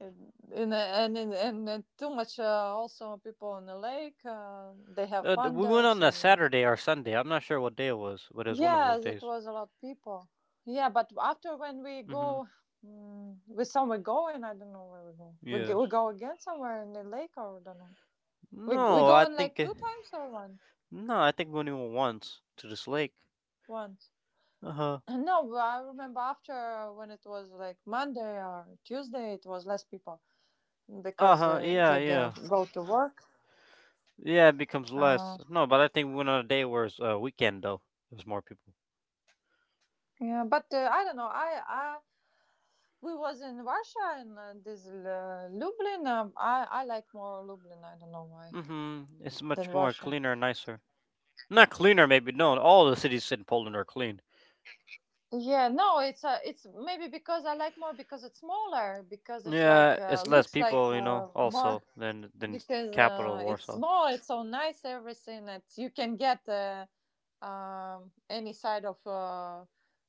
Speaker 2: and too much also people on the lake. They have
Speaker 1: Uh, d-
Speaker 2: fun
Speaker 1: we went
Speaker 2: there.
Speaker 1: on a
Speaker 2: Some
Speaker 1: Saturday or Sunday. I'm not sure what day it was, but it was one of those
Speaker 2: yes, it
Speaker 1: days.
Speaker 2: was a lot of people. Yeah, but after when we
Speaker 1: Mm-hmm.
Speaker 2: go. Mm, we somewhere going. I don't know where we go.
Speaker 1: Yes.
Speaker 2: We go again somewhere in the lake, or I don't know. We
Speaker 1: No,
Speaker 2: go
Speaker 1: I
Speaker 2: in like
Speaker 1: think.
Speaker 2: two times or one
Speaker 1: No, I think only once to this lake.
Speaker 2: one.
Speaker 1: Uh huh.
Speaker 2: *laughs* No, but I remember after when it was like Monday or Tuesday, it was less people
Speaker 1: Uh
Speaker 2: because
Speaker 1: huh. Yeah,
Speaker 2: they
Speaker 1: yeah.
Speaker 2: go to work.
Speaker 1: Yeah, it becomes
Speaker 2: Uh,
Speaker 1: less. No, but I think we went on a day where it's a weekend, though. There's more people.
Speaker 2: yeah, but I don't know. I we was in Russia and this Lublin. I like more Lublin. I don't know why
Speaker 1: Mm hmm. It's
Speaker 2: than
Speaker 1: much more
Speaker 2: Russia.
Speaker 1: cleaner and nicer. Not cleaner, maybe. No, all the cities in Poland are clean.
Speaker 2: Yeah, no, it's maybe because I like more because it's smaller, because it's like
Speaker 1: Yeah, it's less
Speaker 2: looks like
Speaker 1: people, also
Speaker 2: more.
Speaker 1: than
Speaker 2: *laughs* Because
Speaker 1: capital of
Speaker 2: it's
Speaker 1: Warsaw.
Speaker 2: small. It's so nice everything that you can get. Any side of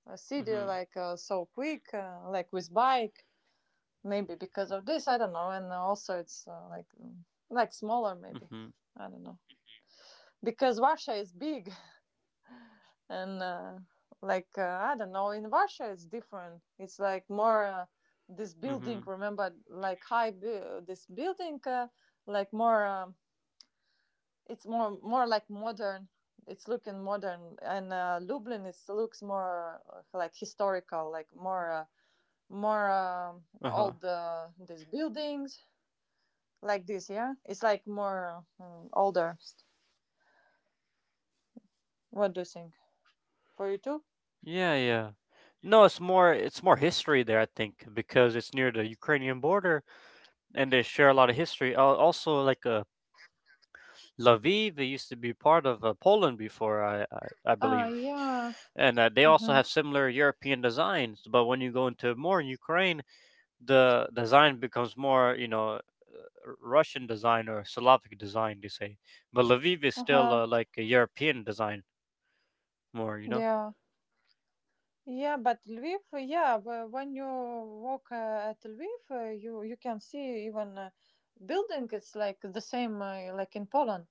Speaker 2: a
Speaker 1: Mm
Speaker 2: city
Speaker 1: hmm.
Speaker 2: like so quick, like with bike. Maybe because of this, I don't know. And also it's like smaller,
Speaker 1: Mm
Speaker 2: maybe
Speaker 1: hmm.
Speaker 2: I don't know. Because Russia is big and like uh, I don't know. In Russia, it's different. It's like more this
Speaker 1: Mm hmm.
Speaker 2: building. Remember, like high this building, like more. It's more like modern. It's looking modern, and Lublin is looks more like historical, like more more
Speaker 1: Uh huh.
Speaker 2: old these buildings like this. Yeah, it's like more older. What do you think for you too?
Speaker 1: Yeah, yeah. No, it's more history there, I think, because it's near the Ukrainian border and they share a lot of history. Also, like Lviv, it used to be part of Poland before, I
Speaker 2: Ah,
Speaker 1: believe,
Speaker 2: yeah.
Speaker 1: and they also
Speaker 2: Mm-hmm.
Speaker 1: have similar European designs. But when you go into more Ukraine, the design becomes more, Russian design or Slavic design, they say. But Lviv is
Speaker 2: Uh
Speaker 1: still
Speaker 2: huh.
Speaker 1: like a European design more.
Speaker 2: Yeah. Yeah, but Lviv, yeah, when you walk at Lviv, you can see even building. It's like the same like in Poland.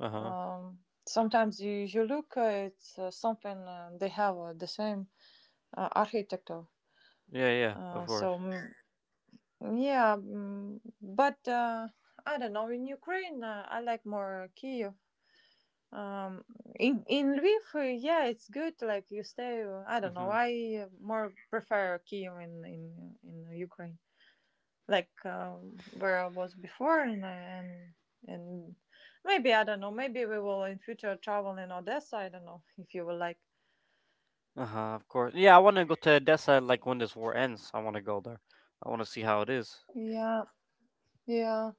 Speaker 1: Uh huh.
Speaker 2: Sometimes you look at something, they have the same architecture.
Speaker 1: Yeah, yeah, of
Speaker 2: Uh,
Speaker 1: course.
Speaker 2: so, mm, yeah, mm, but I don't know. In Ukraine, I like more Kiev. Um, in Lviv, yeah, it's good. Like you stay. I don't know.
Speaker 1: Hmm.
Speaker 2: I more prefer Kiev in Ukraine, like where I was before, and and maybe I don't know. Maybe we will in future travel in Odessa. I don't know *laughs* if you will like.
Speaker 1: Uh huh. Of course. Yeah, I want to go to Edessa like when this war ends. I want to go there. I want to see how it is.
Speaker 2: Yeah, yeah.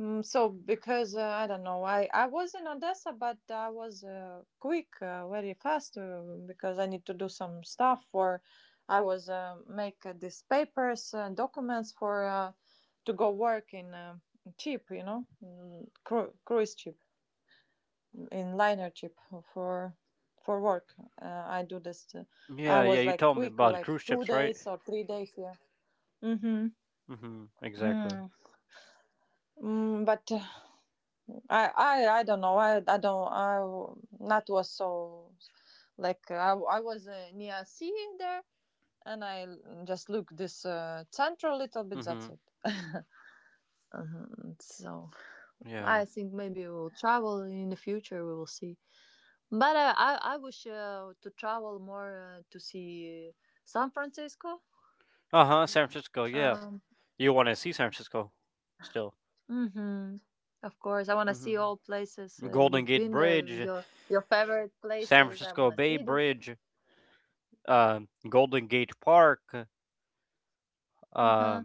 Speaker 2: Mm, so because I don't know, I was in Odessa, but I was quick, very fast because I need to do some stuff for. I was make these papers and documents for to go work in cheap, you know, cruise ship. In liner chip for for work. I do this. I
Speaker 1: Yeah, yeah.
Speaker 2: was
Speaker 1: You
Speaker 2: like
Speaker 1: told me
Speaker 2: quick,
Speaker 1: about
Speaker 2: like
Speaker 1: cruise
Speaker 2: two
Speaker 1: ships, right?
Speaker 2: days or 3 days. Yeah. Mm-hmm.
Speaker 1: Mm-hmm. Exactly.
Speaker 2: Mm, but I don't know. I don't. I not was so like I was near sea there, and I just look this central little bit. That's
Speaker 1: Mm-hmm.
Speaker 2: it. Mhm. So
Speaker 1: Yeah, yeah.
Speaker 2: I think maybe we'll travel in the future. We will see. But I wish to travel more to see San Francisco.
Speaker 1: Uh-huh, San Francisco, yeah.
Speaker 2: Um,
Speaker 1: You want to see San Francisco still.
Speaker 2: hmm. Of course, I want to see all
Speaker 1: Mm-hmm.
Speaker 2: places
Speaker 1: Golden
Speaker 2: you've
Speaker 1: Gate
Speaker 2: been there.
Speaker 1: Bridge,
Speaker 2: Your favorite
Speaker 1: San
Speaker 2: places. I want
Speaker 1: Francisco
Speaker 2: to
Speaker 1: Bay
Speaker 2: see this.
Speaker 1: Bridge, uh, Golden Gate Park,
Speaker 2: Uh
Speaker 1: uh,
Speaker 2: huh.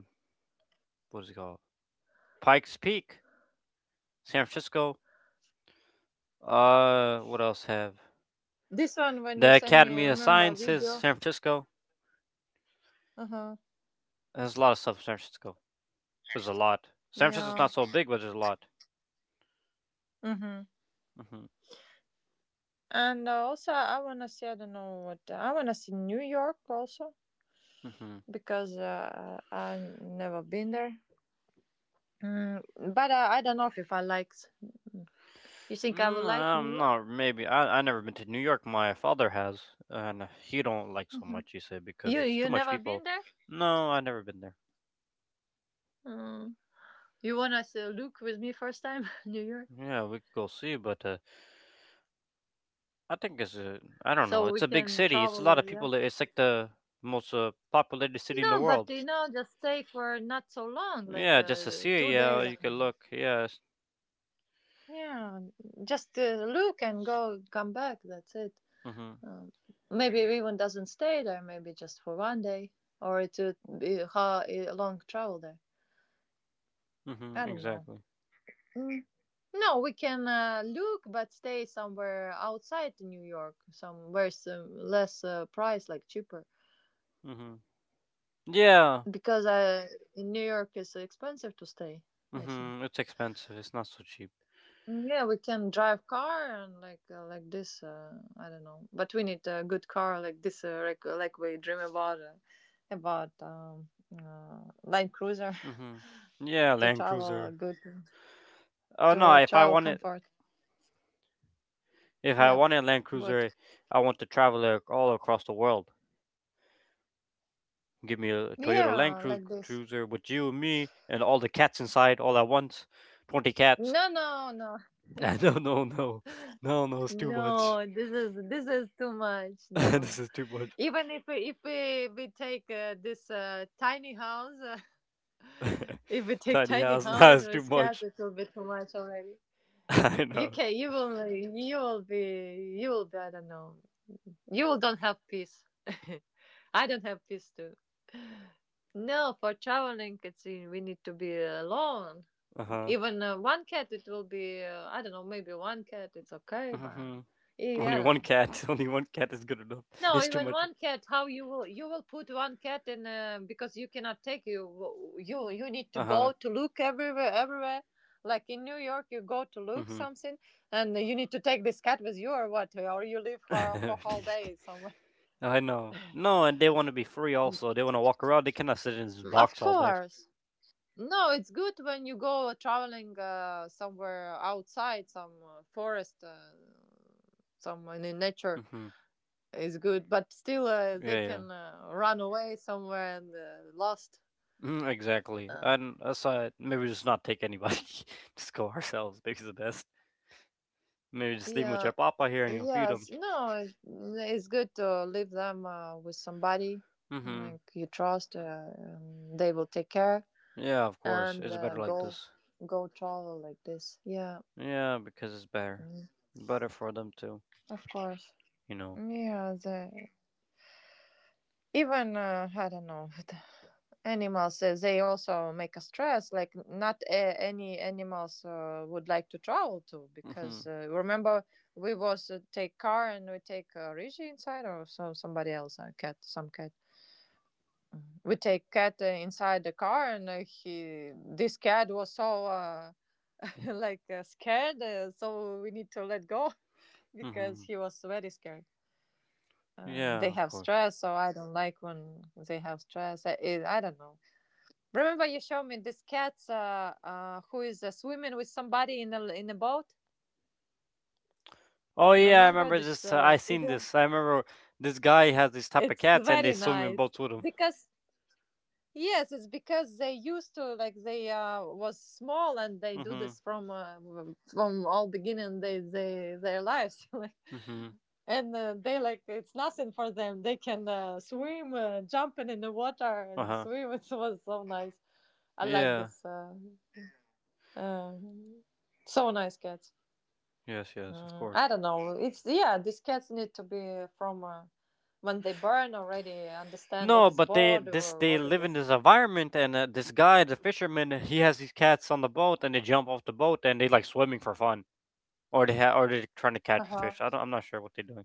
Speaker 1: what is it called? Pikes Peak, San Francisco. What else have?
Speaker 2: This one when you
Speaker 1: The
Speaker 2: send me,
Speaker 1: Academy of
Speaker 2: remember
Speaker 1: Sciences,
Speaker 2: video.
Speaker 1: San Francisco.
Speaker 2: Uh huh.
Speaker 1: There's a lot of stuff in San Francisco. There's a lot. San Francisco's
Speaker 2: Yeah.
Speaker 1: not so big, but there's a lot.
Speaker 2: Mm-hmm.
Speaker 1: Mm-hmm.
Speaker 2: And also, I wanna see. I don't know what. I wanna see New York also
Speaker 1: Mm-hmm.
Speaker 2: because I never been there. Mm, but I don't know if I like. You think I will like New
Speaker 1: No,
Speaker 2: York?
Speaker 1: maybe I never been to New York. My father has, and he don't like so
Speaker 2: Hmm.
Speaker 1: much. He said because
Speaker 2: You
Speaker 1: it's too
Speaker 2: you
Speaker 1: much
Speaker 2: never been
Speaker 1: people.
Speaker 2: there?
Speaker 1: No, I never been there.
Speaker 2: Mm. You wanna us to look with me first time *laughs* New York,
Speaker 1: Yeah, we could go see, but I think it's a I don't know.
Speaker 2: so we
Speaker 1: It's a big
Speaker 2: can
Speaker 1: city. It's a
Speaker 2: travel
Speaker 1: lot
Speaker 2: there.
Speaker 1: of
Speaker 2: Yeah.
Speaker 1: people. It's like the most populated city in the
Speaker 2: No, but
Speaker 1: world.
Speaker 2: you know, just stay for not so long, like
Speaker 1: Yeah, just to see it.
Speaker 2: two
Speaker 1: Yeah,
Speaker 2: days.
Speaker 1: you can
Speaker 2: And-
Speaker 1: look. Yes.
Speaker 2: yeah, just look and go, come back. That's it.
Speaker 1: Mm-hmm.
Speaker 2: Um, Maybe everyone doesn't stay there. Maybe just for 1 day, or it would be how a long travel there.
Speaker 1: Mm-hmm.
Speaker 2: I don't know.
Speaker 1: Exactly.
Speaker 2: Mm. No, we can look, but stay somewhere outside New York, somewhere some less price, like cheaper.
Speaker 1: Mm-hmm. Yeah,
Speaker 2: Because in New York it's expensive to stay, I think.
Speaker 1: Mhm, it's expensive. It's not so cheap.
Speaker 2: Mm, yeah, we can drive car and like this. I don't know, but we need a good car like this, like we dream about Land Cruiser *laughs*
Speaker 1: Mhm. Yeah,
Speaker 2: to
Speaker 1: Land
Speaker 2: travel
Speaker 1: Cruiser.
Speaker 2: good
Speaker 1: Oh no,
Speaker 2: to
Speaker 1: if I
Speaker 2: travel
Speaker 1: wanted
Speaker 2: comfort.
Speaker 1: if I
Speaker 2: Yeah,
Speaker 1: wanted Land
Speaker 2: but
Speaker 1: Cruiser, I want to travel all across the world. Give me a Toyota Land
Speaker 2: yeah,
Speaker 1: Cru-
Speaker 2: like this.
Speaker 1: Cruiser with you and me and all the cats inside all at once. 20 cats.
Speaker 2: No, no, no.
Speaker 1: *laughs* No, no, no. No, no, it's too much.
Speaker 2: No, this is too much.
Speaker 1: *laughs* This
Speaker 2: No,
Speaker 1: is too much.
Speaker 2: even if we take this tiny house. *laughs*
Speaker 1: *laughs*
Speaker 2: If we take
Speaker 1: Tiny
Speaker 2: tiny
Speaker 1: house, *laughs* that
Speaker 2: house
Speaker 1: is too
Speaker 2: with cats,
Speaker 1: much.
Speaker 2: it will be too much already.
Speaker 1: *laughs* I
Speaker 2: You
Speaker 1: know.
Speaker 2: can you will be I don't know. You will don't have peace. *laughs* I don't have peace too. No, for traveling, it's we need to be alone.
Speaker 1: Uh-huh.
Speaker 2: Even one cat, it will be I don't know. Maybe one cat, it's okay, but
Speaker 1: Mhm.
Speaker 2: yeah, I
Speaker 1: Only
Speaker 2: don't
Speaker 1: one
Speaker 2: know.
Speaker 1: cat. *laughs* Only one cat is good enough.
Speaker 2: No,
Speaker 1: It's too
Speaker 2: even
Speaker 1: much.
Speaker 2: one cat. How you will put one cat in, because you cannot take, you need to
Speaker 1: Uh-huh.
Speaker 2: go to look everywhere. Like in New York, you go to look
Speaker 1: Mhm.
Speaker 2: something, and you need to take this cat with you or what, or you leave her for whole day
Speaker 1: *laughs*
Speaker 2: somewhere.
Speaker 1: I know. No, and they want to be free also. They want to walk around. They cannot sit in this box
Speaker 2: Of
Speaker 1: all day.
Speaker 2: course. No, it's good when you go traveling somewhere outside, some forest, somewhere in nature
Speaker 1: Hmm.
Speaker 2: is good. But still, they
Speaker 1: Yeah, yeah.
Speaker 2: can run away somewhere and lost.
Speaker 1: Exactly.
Speaker 2: Uh,
Speaker 1: And aside, maybe just not take anybody. *laughs* Just go ourselves. Maybe the best. Maybe just leave 'em with your
Speaker 2: Yeah.
Speaker 1: papa here and he will feed them.
Speaker 2: Yes. No, it- it's good to leave them with somebody
Speaker 1: hmm
Speaker 2: like you trust. And they will take care
Speaker 1: Yeah, of course.
Speaker 2: and
Speaker 1: It's better like
Speaker 2: go
Speaker 1: this.
Speaker 2: go travel like this. Yeah.
Speaker 1: Yeah, because it's better.
Speaker 2: mm,
Speaker 1: Better for them too,
Speaker 2: Of course.
Speaker 1: you know.
Speaker 2: Yeah. They even I don't know, *laughs* animals. They also make a stress. Like not any animals would like to travel to
Speaker 1: hmm
Speaker 2: because remember we was take car and we take Rishi inside or so somebody else a cat some cat. Mm-hmm. We take cat inside the car and he, this cat was so *laughs* like scared, so we need to let go. *laughs* Because
Speaker 1: hmm
Speaker 2: he was very scared.
Speaker 1: Yeah,
Speaker 2: They
Speaker 1: of
Speaker 2: have
Speaker 1: course.
Speaker 2: stress, so I don't like when they have stress. I don't know. Remember you showed me this cat who is swimming with somebody in a boat.
Speaker 1: Oh yeah, I
Speaker 2: Remember
Speaker 1: remember
Speaker 2: this
Speaker 1: this. I seen
Speaker 2: video?
Speaker 1: this. I remember this guy has these type of
Speaker 2: It's
Speaker 1: cats, and they
Speaker 2: very
Speaker 1: swim in
Speaker 2: nice
Speaker 1: boats with him.
Speaker 2: because yes, it's because they used to like they was small and they do
Speaker 1: Mhm.
Speaker 2: this from from all beginning they, their lives. *laughs* Like,
Speaker 1: Mhm.
Speaker 2: and they like, it's nothing for them, they can swim, jumping in the water and
Speaker 1: Uh-huh.
Speaker 2: swim. *laughs* It was so nice. I like
Speaker 1: Yeah.
Speaker 2: this uh, so nice cats.
Speaker 1: Yes, yes, of
Speaker 2: Mm,
Speaker 1: course.
Speaker 2: I don't know, it's yeah, these cats need to be from when they burn already, understand what
Speaker 1: No,
Speaker 2: is
Speaker 1: but they
Speaker 2: bored
Speaker 1: this
Speaker 2: or
Speaker 1: they
Speaker 2: what is
Speaker 1: live in
Speaker 2: this.
Speaker 1: this environment and this guy, the fisherman, he has these cats on the boat and they jump off the boat and they like swimming for fun or or they're trying to
Speaker 2: Uh
Speaker 1: catch
Speaker 2: huh.
Speaker 1: fish. I'm not sure what they're doing.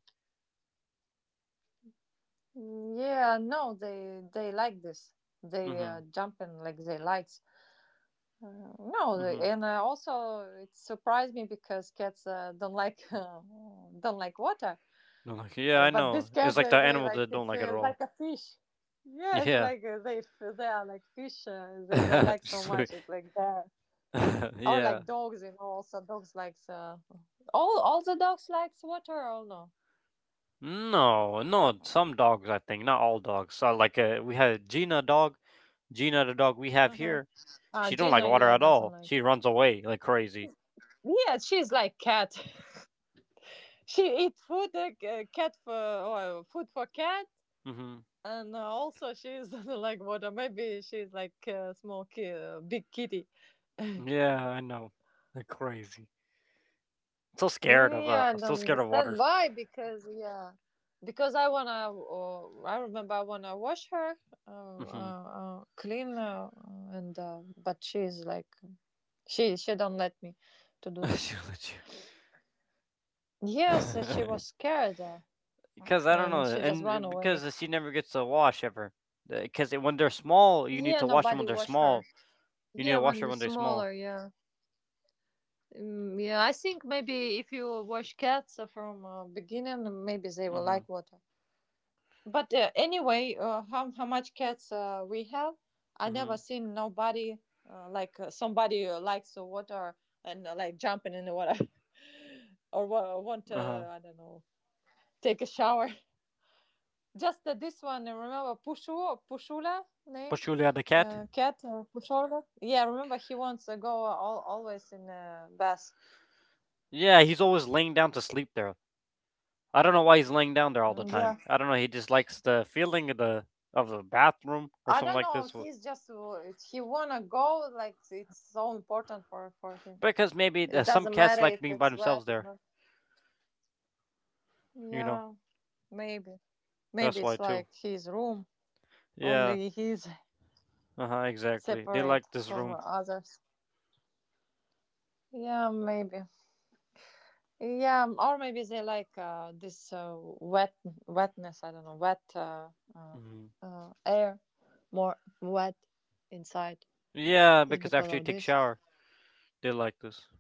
Speaker 2: Yeah, no, they like this. They
Speaker 1: Mhm.
Speaker 2: jumping like they likes. No, they-
Speaker 1: Mhm.
Speaker 2: and also it surprised me because cats don't like *laughs* don't like water.
Speaker 1: No, like yeah, I
Speaker 2: But
Speaker 1: know.
Speaker 2: these
Speaker 1: It's
Speaker 2: cats,
Speaker 1: like the
Speaker 2: they
Speaker 1: animal
Speaker 2: like
Speaker 1: that don't
Speaker 2: it's
Speaker 1: like it at all.
Speaker 2: like a fish. Yeah, it's
Speaker 1: Yeah.
Speaker 2: like they f- they are like fish. They
Speaker 1: *laughs*
Speaker 2: like so much.
Speaker 1: Sweet.
Speaker 2: It's like that.
Speaker 1: *laughs*
Speaker 2: Or
Speaker 1: Yeah.
Speaker 2: like dogs, you know. Also, dogs likes all the dogs likes water. Or no.
Speaker 1: No, no, some dogs I think, not all dogs. So like we had Gina dog, Gina the dog we have
Speaker 2: Uh huh.
Speaker 1: here.
Speaker 2: Ah,
Speaker 1: She don't like
Speaker 2: Gina,
Speaker 1: water
Speaker 2: yeah,
Speaker 1: at
Speaker 2: doesn't
Speaker 1: all. She
Speaker 2: like.
Speaker 1: runs away like crazy.
Speaker 2: Yeah, she's like cat. She eat food, c- cat for food for cat,
Speaker 1: hmm
Speaker 2: and also she's *laughs* like water. Maybe she's like a small ki- big kitty. *laughs*
Speaker 1: Yeah, I know. Like crazy. so scared of uh,
Speaker 2: Yeah, I
Speaker 1: so
Speaker 2: don't
Speaker 1: scared of
Speaker 2: understand
Speaker 1: water.
Speaker 2: why. Because yeah, because I wanna. I remember I wanna wash her, uh,
Speaker 1: hmm
Speaker 2: uh, clean, and but she's like she don't let me to do
Speaker 1: *laughs*
Speaker 2: this.
Speaker 1: She'll let
Speaker 2: Yes, she
Speaker 1: you.
Speaker 2: was scared,
Speaker 1: *laughs* Because I don't
Speaker 2: and
Speaker 1: know,
Speaker 2: she just
Speaker 1: and
Speaker 2: ran away.
Speaker 1: because she never gets a wash ever. Because when they're small, you need
Speaker 2: Yeah,
Speaker 1: to wash them
Speaker 2: nobody
Speaker 1: when they're
Speaker 2: washed her.
Speaker 1: small. You need
Speaker 2: Yeah,
Speaker 1: to wash
Speaker 2: when
Speaker 1: them
Speaker 2: it's
Speaker 1: when they're small.
Speaker 2: smaller, yeah. Mm, yeah, I think maybe if you wash cats from beginning, maybe they will
Speaker 1: Hmm.
Speaker 2: like water. But anyway, how much cats we have? I never
Speaker 1: Hmm.
Speaker 2: seen nobody like somebody likes the water and like jumping in the water *laughs* or wa- want
Speaker 1: Uh huh.
Speaker 2: to, I don't know, take a shower. *laughs* Just this one, remember Pushu Pushula name,
Speaker 1: But Julia the cat.
Speaker 2: cat, Pushula? Yeah, remember he wants to go all, always in bath.
Speaker 1: Yeah, he's always laying down to sleep there. I don't know why he's laying down there all the time.
Speaker 2: Yeah,
Speaker 1: I don't know. He just likes the feeling of the bathroom or
Speaker 2: I
Speaker 1: something
Speaker 2: don't
Speaker 1: like
Speaker 2: know.
Speaker 1: this.
Speaker 2: He's just w- he wanna go. Like it's so important for him.
Speaker 1: Because maybe
Speaker 2: It
Speaker 1: some
Speaker 2: doesn't
Speaker 1: cats
Speaker 2: matter
Speaker 1: like
Speaker 2: if
Speaker 1: being by
Speaker 2: it's
Speaker 1: themselves
Speaker 2: wet or
Speaker 1: there.
Speaker 2: not.
Speaker 1: You know,
Speaker 2: Yeah, maybe maybe
Speaker 1: that's why
Speaker 2: it's
Speaker 1: too.
Speaker 2: like his room.
Speaker 1: Yeah.
Speaker 2: Only he's *laughs*
Speaker 1: Uh huh. Exactly. They
Speaker 2: separate
Speaker 1: like this
Speaker 2: from
Speaker 1: room.
Speaker 2: others. Yeah, maybe. Yeah, or maybe they like this wet wetness. I don't know, wet uh,
Speaker 1: hmm
Speaker 2: air, more wet inside.
Speaker 1: Yeah,
Speaker 2: Is
Speaker 1: because
Speaker 2: because
Speaker 1: after you
Speaker 2: of
Speaker 1: take
Speaker 2: this.
Speaker 1: shower, they like this. *laughs*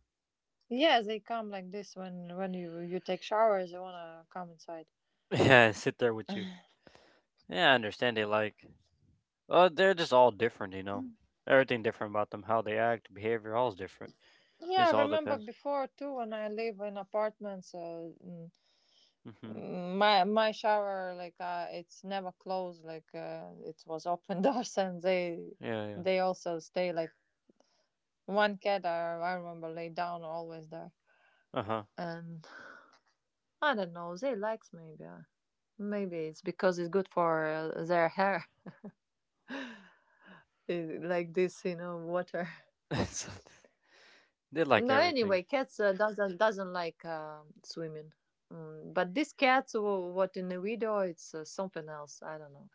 Speaker 2: Yeah, they come like this when you take showers, they wanna come inside.
Speaker 1: Yeah, sit there with you. Yeah, I understand they like. They're just all different. Everything different about them, how they act, behavior, all is different.
Speaker 2: Yeah,
Speaker 1: It
Speaker 2: I
Speaker 1: all
Speaker 2: remember
Speaker 1: depends.
Speaker 2: before too when I live in apartments.
Speaker 1: Mm-hmm.
Speaker 2: My my shower like it's never closed. Like it was open *laughs* doors, and they
Speaker 1: Yeah, yeah.
Speaker 2: they also stay like one cat. I remember lay down always there,
Speaker 1: Uh huh.
Speaker 2: and I don't know. They likes maybe it's because it's good for their hair. *laughs* It- like this, you know, water.
Speaker 1: *laughs* It's like, they like
Speaker 2: No,
Speaker 1: everything.
Speaker 2: anyway, cats doesn't like swimming. Mm, but this cat, w- what in the video, it's something else. I don't know.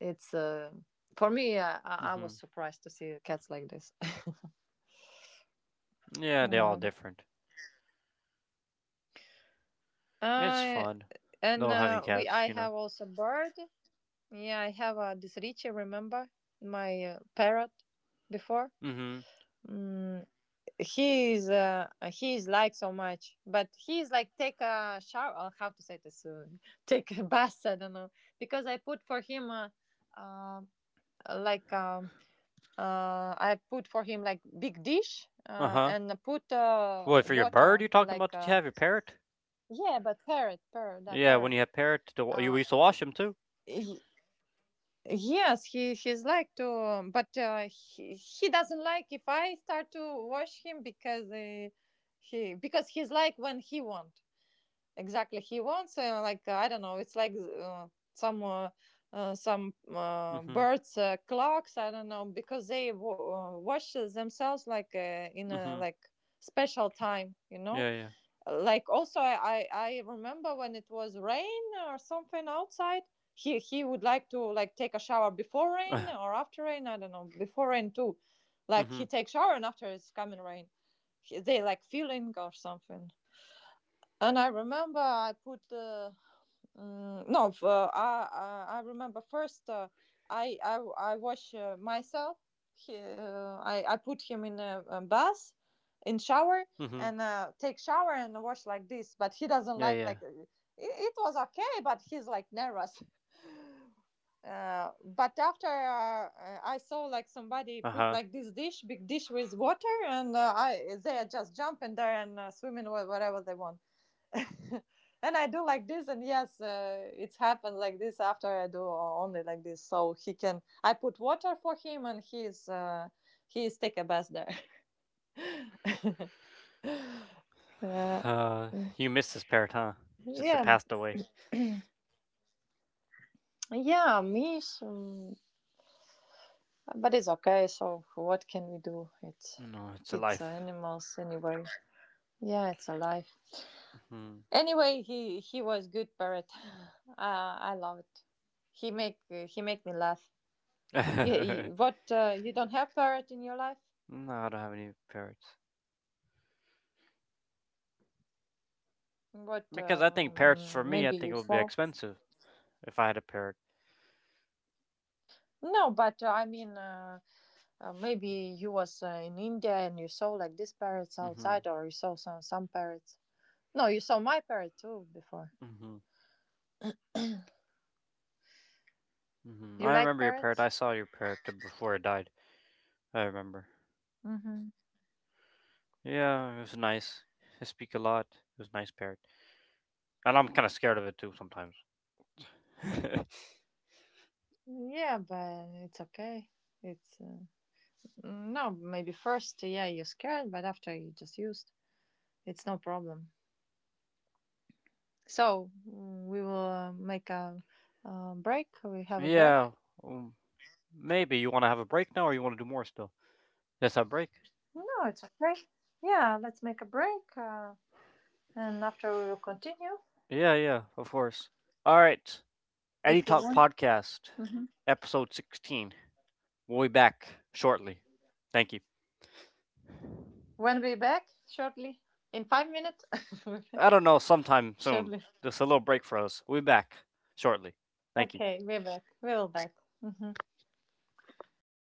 Speaker 2: It's for me. I was
Speaker 1: Mm-hmm.
Speaker 2: surprised to see cats like this. *laughs*
Speaker 1: Yeah, they're all
Speaker 2: Mm.
Speaker 1: different. It's
Speaker 2: Uh,
Speaker 1: fun,
Speaker 2: and
Speaker 1: though having cats,
Speaker 2: I
Speaker 1: you know.
Speaker 2: have also bird. Yeah, I have this Richie. Remember my parrot before?
Speaker 1: Mm-hmm.
Speaker 2: Mm, he is liked so much, but he is like take a shower or how to say this, *laughs* take a bath, I don't know. Because I put for him, uh, like, I put for him like big dish,
Speaker 1: Uh huh.
Speaker 2: and put
Speaker 1: What, for your bird
Speaker 2: water
Speaker 1: you're talking
Speaker 2: like
Speaker 1: about? Did you have your parrot?
Speaker 2: yeah, but parrot parrot that
Speaker 1: Yeah, when
Speaker 2: parrot.
Speaker 1: you have parrot, you
Speaker 2: uh,
Speaker 1: used to wash them too?
Speaker 2: he- yes, he he's like to, but he doesn't like if I start to wash him because he, because he's like, when he want. Exactly. He wants like, I don't know. It's like some uh, some
Speaker 1: Mm-hmm.
Speaker 2: birds' clocks. I don't know because they w- wash themselves like in a
Speaker 1: Mm-hmm.
Speaker 2: like special time. You know,
Speaker 1: Yeah,
Speaker 2: like also, I remember when it was rain or something outside. He would like to like take a shower before
Speaker 1: yeah.
Speaker 2: rain or after rain. I don't know, before rain too.
Speaker 1: *sighs*
Speaker 2: Like he
Speaker 1: Mm-hmm.
Speaker 2: takes shower and after it's coming rain, he, they like feeling or something. And I remember I put the, mm, no, f- I remember first I wash myself. I put him in a bath, in shower,
Speaker 1: Mm-hmm.
Speaker 2: and take shower and wash like this. But he doesn't
Speaker 1: Yeah, yeah.
Speaker 2: like it, it was okay, but he's like nervous. *laughs* But after I saw like somebody put
Speaker 1: Uh-huh.
Speaker 2: like this dish, big dish with water, and I they just jump in there and swim in wha- whatever they want. *laughs* And I do like this, and yes, it's happened like this after I do only like this, so he can. I put water for him, and he's take a bath there. *laughs* Yeah,
Speaker 1: Uh, you missed this parrot, huh? Since it
Speaker 2: yeah,
Speaker 1: passed away.
Speaker 2: yeah, me. So, but it's okay. So what can we do?
Speaker 1: No, it's a
Speaker 2: It's
Speaker 1: life.
Speaker 2: animals anyway. Yeah, it's alive.
Speaker 1: hmm
Speaker 2: Anyway, he was good parrot. *sighs* I love it. He make me laugh.
Speaker 1: *laughs* no,
Speaker 2: You,
Speaker 1: I
Speaker 2: you what, you don't have parrot in your life?
Speaker 1: don't have any parrots.
Speaker 2: But
Speaker 1: Because I think parrots, for me, I
Speaker 2: maybe
Speaker 1: think it
Speaker 2: you
Speaker 1: would be
Speaker 2: saw.
Speaker 1: expensive if I had a parrot.
Speaker 2: No, but I mean, maybe you was in India and you saw like these parrots
Speaker 1: Mm-hmm.
Speaker 2: outside, or you saw some parrots. No, you saw my parrot too before.
Speaker 1: Mm-hmm. Mm-hmm.
Speaker 2: You
Speaker 1: I
Speaker 2: like
Speaker 1: remember your parrot. I
Speaker 2: parrots?
Speaker 1: saw your before it died. I remember.
Speaker 2: Mm-hmm.
Speaker 1: Yeah, it was nice. He speak a lot. It was nice parrot, and I'm kind of scared of it too sometimes. *laughs*
Speaker 2: Yeah, but it's okay. It's no, maybe first, yeah, you're scared, but after you just used, it's no problem. So we will make a break. We have a
Speaker 1: Yeah,
Speaker 2: break.
Speaker 1: um, maybe you want to have a break now, or you want to do more still? Let's have a break.
Speaker 2: No, it's okay. Yeah, let's make a break. And after we will continue
Speaker 1: Yeah, yeah, of course. All right, Eddie
Speaker 2: if you
Speaker 1: Talk
Speaker 2: want.
Speaker 1: Podcast,
Speaker 2: Hmm
Speaker 1: episode 16. We'll be back shortly. Thank you.
Speaker 2: When we're back shortly, in 5 minutes, *laughs*
Speaker 1: I don't know, sometime soon.
Speaker 2: shortly.
Speaker 1: Just a little break for us. We'll be back shortly. Thank you.
Speaker 2: Okay, we're back. We're all back. Mhm.